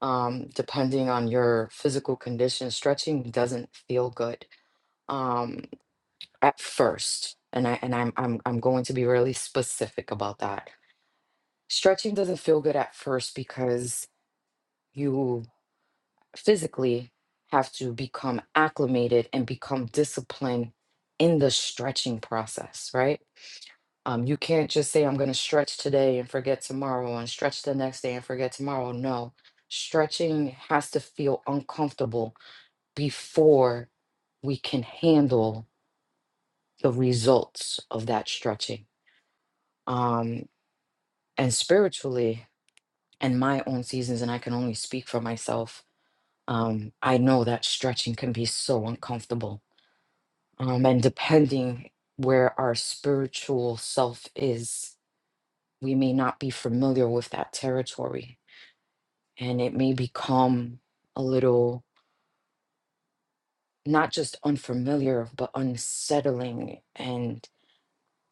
S2: um, depending on your physical condition, stretching doesn't feel good um, at first. And I and I'm I'm I'm going to be really specific about that. Stretching doesn't feel good at first because you physically have to become acclimated and become disciplined in the stretching process, right? Um, you can't just say I'm going to stretch today and forget tomorrow, and stretch the next day and forget tomorrow. No, stretching has to feel uncomfortable before we can handle the results of that stretching. Um, and spiritually, in my own seasons, and I can only speak for myself, um, I know that stretching can be so uncomfortable. Um, and depending where our spiritual self is, we may not be familiar with that territory. And it may become a little not just unfamiliar, but unsettling and.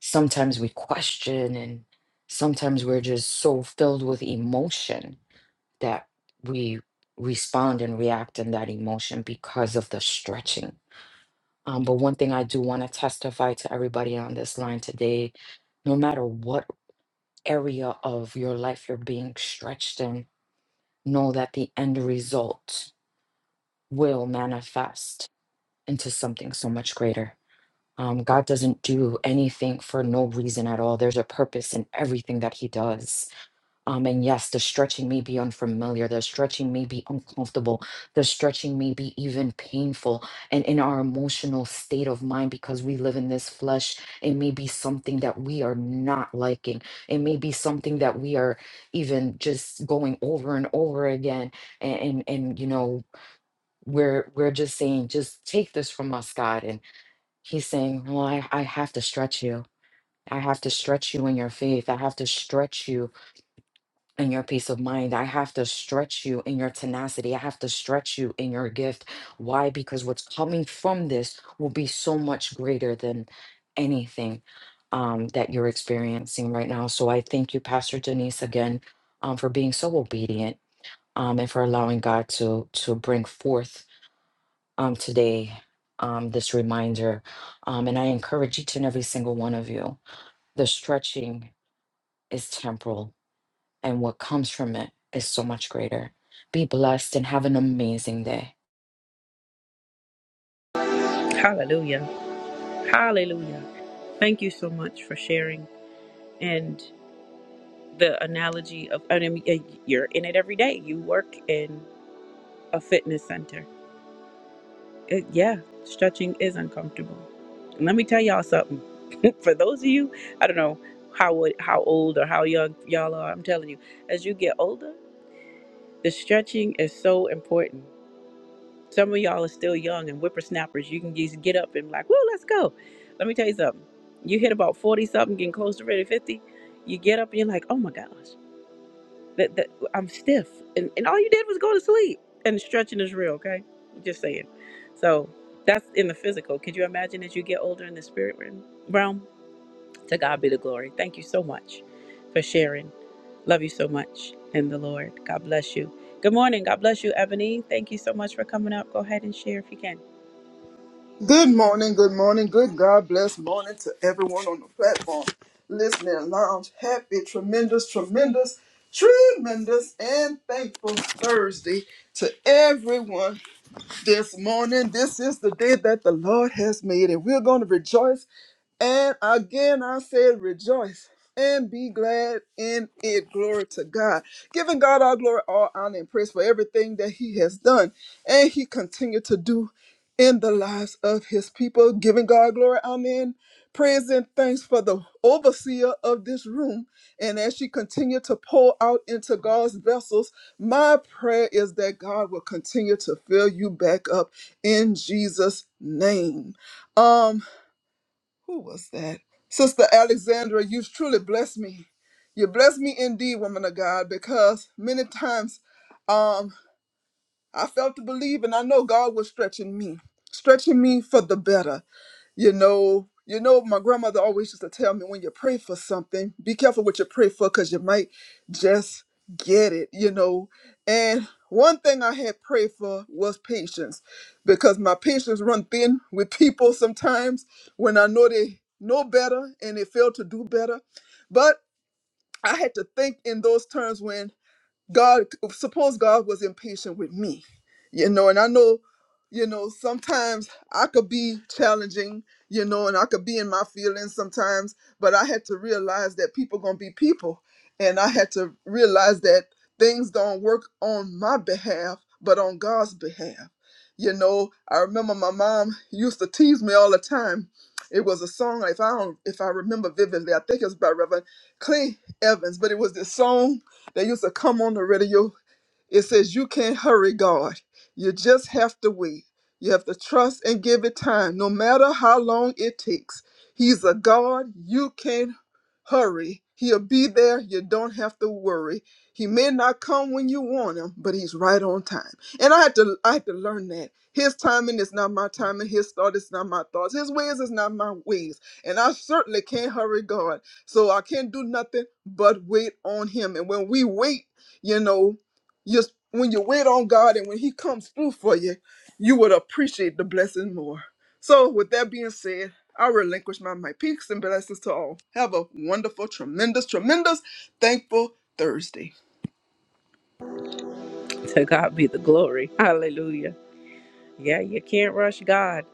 S2: sometimes we question and sometimes we're just so filled with emotion that we respond and react in that emotion because of the stretching um, but one thing i do want to testify to everybody on this line today no matter what area of your life you're being stretched in know that the end result will manifest into something so much greater Um, God doesn't do anything for no reason at all. There's a purpose in everything that He does. Um, and yes, the stretching may be unfamiliar, the stretching may be uncomfortable, the stretching may be even painful. And in our emotional state of mind, because we live in this flesh, it may be something that we are not liking. It may be something that we are even just going over and over again. And, and, and you know, we're, we're just saying, just take this from us, God. He's saying, Well, I, I have to stretch you. I have to stretch you in your faith. I have to stretch you in your peace of mind. I have to stretch you in your tenacity. I have to stretch you in your gift. Why? Because what's coming from this will be so much greater than anything um, that you're experiencing right now. So I thank you, Pastor Denise, again um, for being so obedient um, and for allowing God to to bring forth um, today, um, this reminder. Um, and I encourage each and every single one of you the stretching is temporal, and what comes from it is so much greater. Be blessed and have an amazing day.
S1: Hallelujah. Hallelujah. Thank you so much for sharing and the analogy of, I mean, uh, you're in it every day. You work in a fitness center. It, yeah, stretching is uncomfortable. And let me tell y'all something. for those of you, I don't know how old- how old or how young y'all are. I'm telling you, as you get older. The stretching is so important. Some of y'all are still young and whippersnappers. You can just get up and like, woo, let's go. Let me tell you something. You hit about 40 something, getting close to ready 50. You get up and you're like, oh my gosh, that, that I'm stiff. And, and all you did was go to sleep. And stretching is real, okay? Just saying. So that's in the physical. Could you imagine as you get older in the spirit realm? To God be the glory. Thank you so much for sharing. Love you so much in the Lord. God bless you. Good morning. God bless you, Ebony. Thank you so much for coming up. Go ahead and share if you can.
S3: Good morning, good morning, good God bless morning to everyone on the platform, listening lounge. Happy, tremendous, tremendous, tremendous, and thankful Thursday to everyone this morning. This is the day that the Lord has made, and we're going to rejoice. And again, I say, rejoice and be glad in it. Glory to God. Giving God all glory, all honor, and praise for everything that He has done and He continued to do in the lives of His people. Giving God glory, amen. Praise and thanks for the overseer of this room. And as she continued to pour out into God's vessels, my prayer is that God will continue to fill you back up in Jesus' name. Um, who was that? Sister Alexandra, you truly blessed me. You blessed me indeed, woman of God, because many times um I felt to believe, and I know God was stretching me, stretching me for the better. You know, you know, my grandmother always used to tell me when you pray for something, be careful what you pray for because you might just get it, you know. And one thing I had prayed for was patience because my patience run thin with people sometimes when I know they know better and they fail to do better. But I had to think in those terms when God, suppose God was impatient with me, you know, and I know, you know, sometimes I could be challenging, you know, and I could be in my feelings sometimes, but I had to realize that people gonna be people, and I had to realize that things don't work on my behalf, but on God's behalf. You know, I remember my mom used to tease me all the time. It was a song, if I don't, if I remember vividly, I think it was by Reverend Clay Evans, but it was this song they used to come on the radio it says you can't hurry God. You just have to wait. You have to trust and give it time, no matter how long it takes. He's a God you can't hurry. He'll be there. You don't have to worry. He may not come when you want him, but he's right on time. And I had to I had to learn that. His timing is not my timing. His thought is not my thoughts. His ways is not my ways. And I certainly can't hurry God. So I can't do nothing but wait on him. And when we wait, you know you when you wait on God and when He comes through for you, you would appreciate the blessing more. So, with that being said, I relinquish my my peaks and blessings to all. Have a wonderful, tremendous, tremendous, thankful Thursday.
S1: To God be the glory. Hallelujah. Yeah, you can't rush God.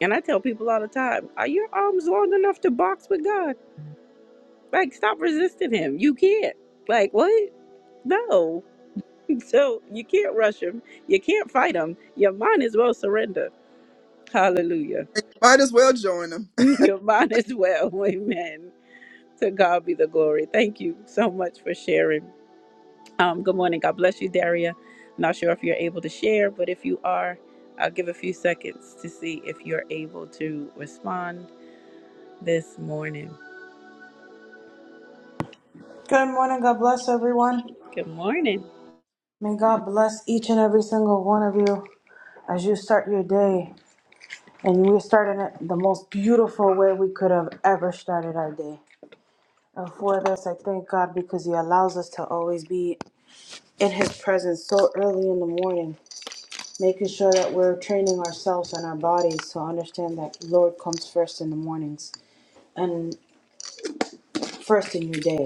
S1: And I tell people all the time, are your arms long enough to box with God? Like, stop resisting Him. You can't. Like, what? No. So you can't rush Him. You can't fight Him. Your mind as well surrender. Hallelujah.
S3: Might as well join them.
S1: Your mind as well. Amen. to God be the glory. Thank you so much for sharing. Um, good morning. God bless you, Daria. Not sure if you're able to share, but if you are, I'll give a few seconds to see if you're able to respond this morning.
S4: Good morning. God bless everyone.
S1: Good morning.
S4: May God bless each and every single one of you as you start your day. And we're starting it the most beautiful way we could have ever started our day. And for this, I thank God because He allows us to always be in His presence so early in the morning, making sure that we're training ourselves and our bodies to understand that Lord comes first in the mornings and first in your day.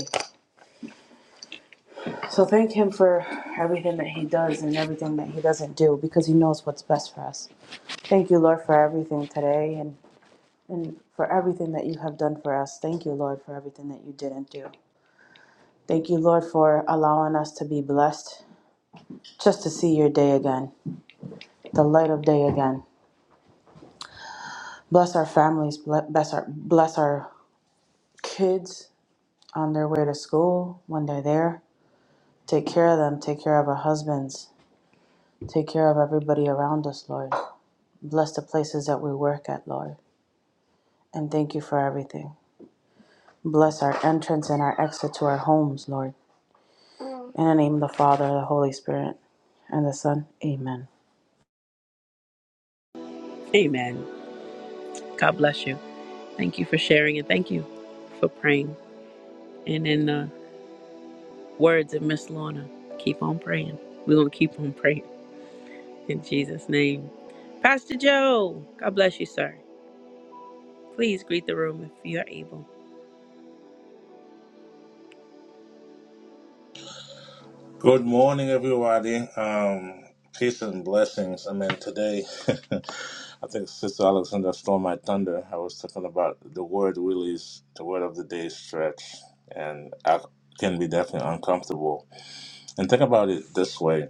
S4: So thank Him for everything that He does and everything that He doesn't do because He knows what's best for us. Thank you, Lord, for everything today and, and for everything that you have done for us. Thank you, Lord, for everything that you didn't do. Thank you, Lord, for allowing us to be blessed just to see your day again, the light of day again. Bless our families, bless our, bless our kids on their way to school when they're there. Take care of them, take care of our husbands, take care of everybody around us, Lord. Bless the places that we work at, Lord. And thank you for everything. Bless our entrance and our exit to our homes, Lord. In the name of the Father, the Holy Spirit, and the Son. Amen.
S1: Amen. God bless you. Thank you for sharing and thank you for praying. And in the words of Miss Lorna, keep on praying. We're going to keep on praying in Jesus' name. Pastor Joe, God bless you, sir. Please greet the room if you're able.
S5: Good morning, everybody. Um, peace and blessings. I mean, today, I think Sister Alexander stole my thunder. I was talking about the word really is the word of the day stretch, and I can be definitely uncomfortable. And think about it this way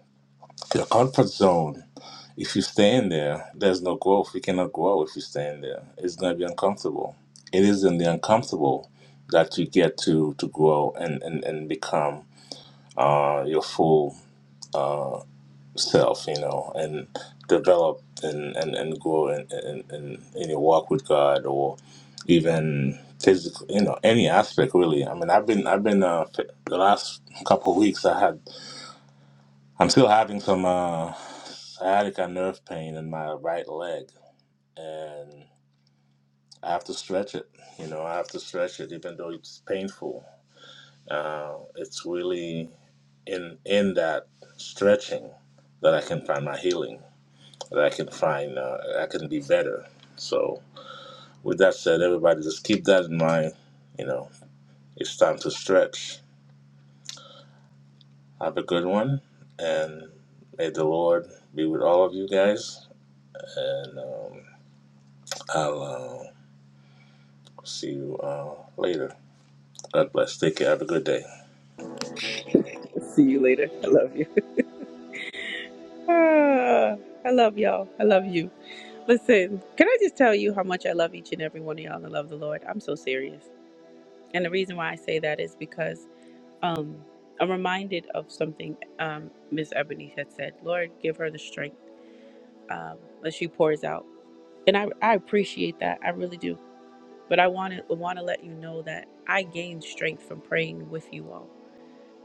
S5: your comfort zone, if you stay in there, there's no growth. You cannot grow if you stay in there. It's going to be uncomfortable. It is in the uncomfortable that you get to, to grow and, and, and become uh, your full. self, you know, and develop and, and, and grow in, in, in, in your walk with God or even physical, you know, any aspect really. I mean, I've been, I've been, uh, f- the last couple of weeks I had, I'm still having some, uh, sciatica nerve pain in my right leg and I have to stretch it, you know, I have to stretch it even though it's painful. Uh, it's really in, in that stretching that I can find my healing that I can find uh, I can be better. So with that said, everybody just keep that in mind. You know, it's time to stretch. Have a good one, and may the Lord be with all of you guys. And um, I'll uh, see you uh, later. God bless. Take care. Have a good day.
S1: See you later. I love you. Ah, I love y'all. I love you. Listen, can I just tell you how much I love each and every one of y'all and I love the Lord? I'm so serious. And the reason why I say that is because um, I'm reminded of something um, Miss Ebony had said. Lord, give her the strength um, that she pours out. And I, I appreciate that. I really do. But I want to want to let you know that I gain strength from praying with you all.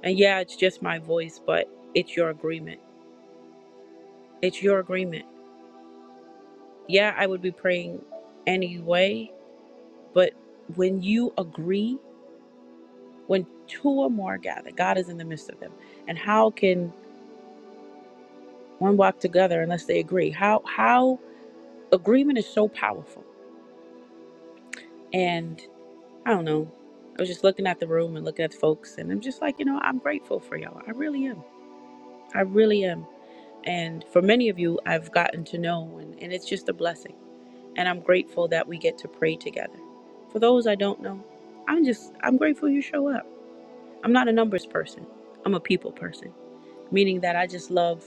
S1: And yeah, it's just my voice, but it's your agreement. It's your agreement yeah, I would be praying anyway. But when you agree, when two or more gather, God is in the midst of them. And how can one walk together unless they agree? How how agreement is so powerful. And I don't know. I was just looking at the room and looking at the folks, and I'm just like, you know, I'm grateful for y'all. I really am. I really am. And for many of you, I've gotten to know, and, and it's just a blessing. And I'm grateful that we get to pray together. For those I don't know, I'm just, I'm grateful you show up. I'm not a numbers person. I'm a people person, meaning that I just love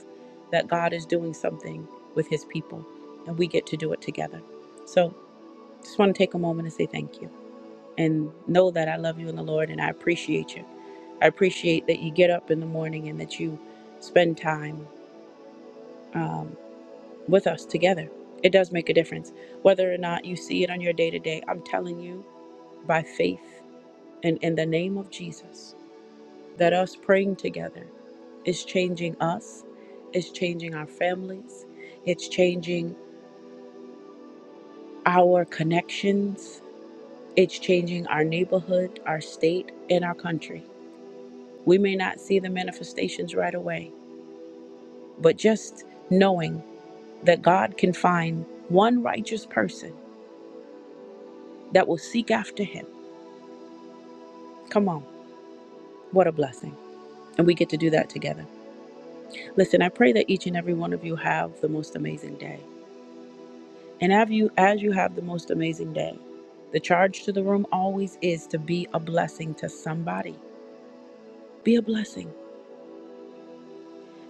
S1: that God is doing something with his people and we get to do it together. So just want to take a moment and say thank you and know that I love you in the Lord and I appreciate you. I appreciate that you get up in the morning and that you spend time um, with us together. It does make a difference. Whether or not you see it on your day to day, I'm telling you by faith and in the name of Jesus. that us praying together is changing us, it's changing our families, it's changing our connections, it's changing our neighborhood, our state, and our country. We may not see the manifestations right away, but just knowing that God can find one righteous person that will seek after him. Come on, what a blessing. And we get to do that together. Listen, I pray that each and every one of you have the most amazing day. And have you as you have the most amazing day. The charge to the room always is to be a blessing to somebody. Be a blessing.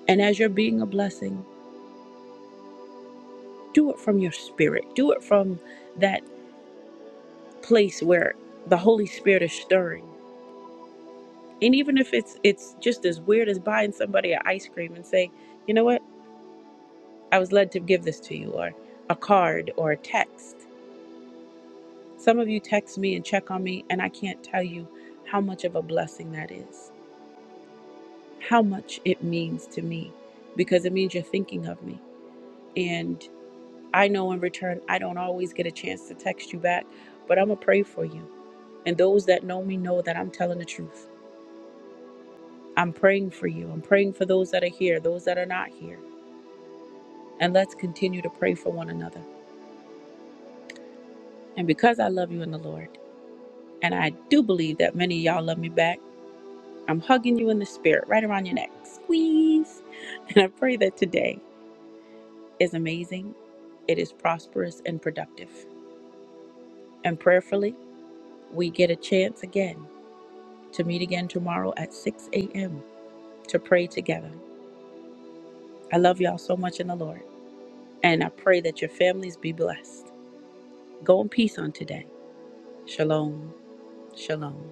S1: And as you're being a blessing, do it from your spirit. Do it from that place where the Holy Spirit is stirring. And even if it's it's just as weird as buying somebody an ice cream and say, "You know what? I was led to give this to you," or a card or a text. Some of you text me and check on me, and I can't tell you how much of a blessing that is. how much it means to me because it means you're thinking of me. And I know in return, I don't always get a chance to text you back, but I'm going to pray for you. And those that know me know that I'm telling the truth. I'm praying for you. I'm praying for those that are here, those that are not here. And let's continue to pray for one another. And because I love you in the Lord, and I do believe that many of y'all love me back, I'm hugging you in the spirit right around your neck. Squeeze. And I pray that today is amazing, it is prosperous and productive. And prayerfully, we get a chance again to meet again tomorrow at 6 a.m. to pray together. I love y'all so much in the Lord. And I pray that your families be blessed. Go in peace on today. Shalom. Shalom.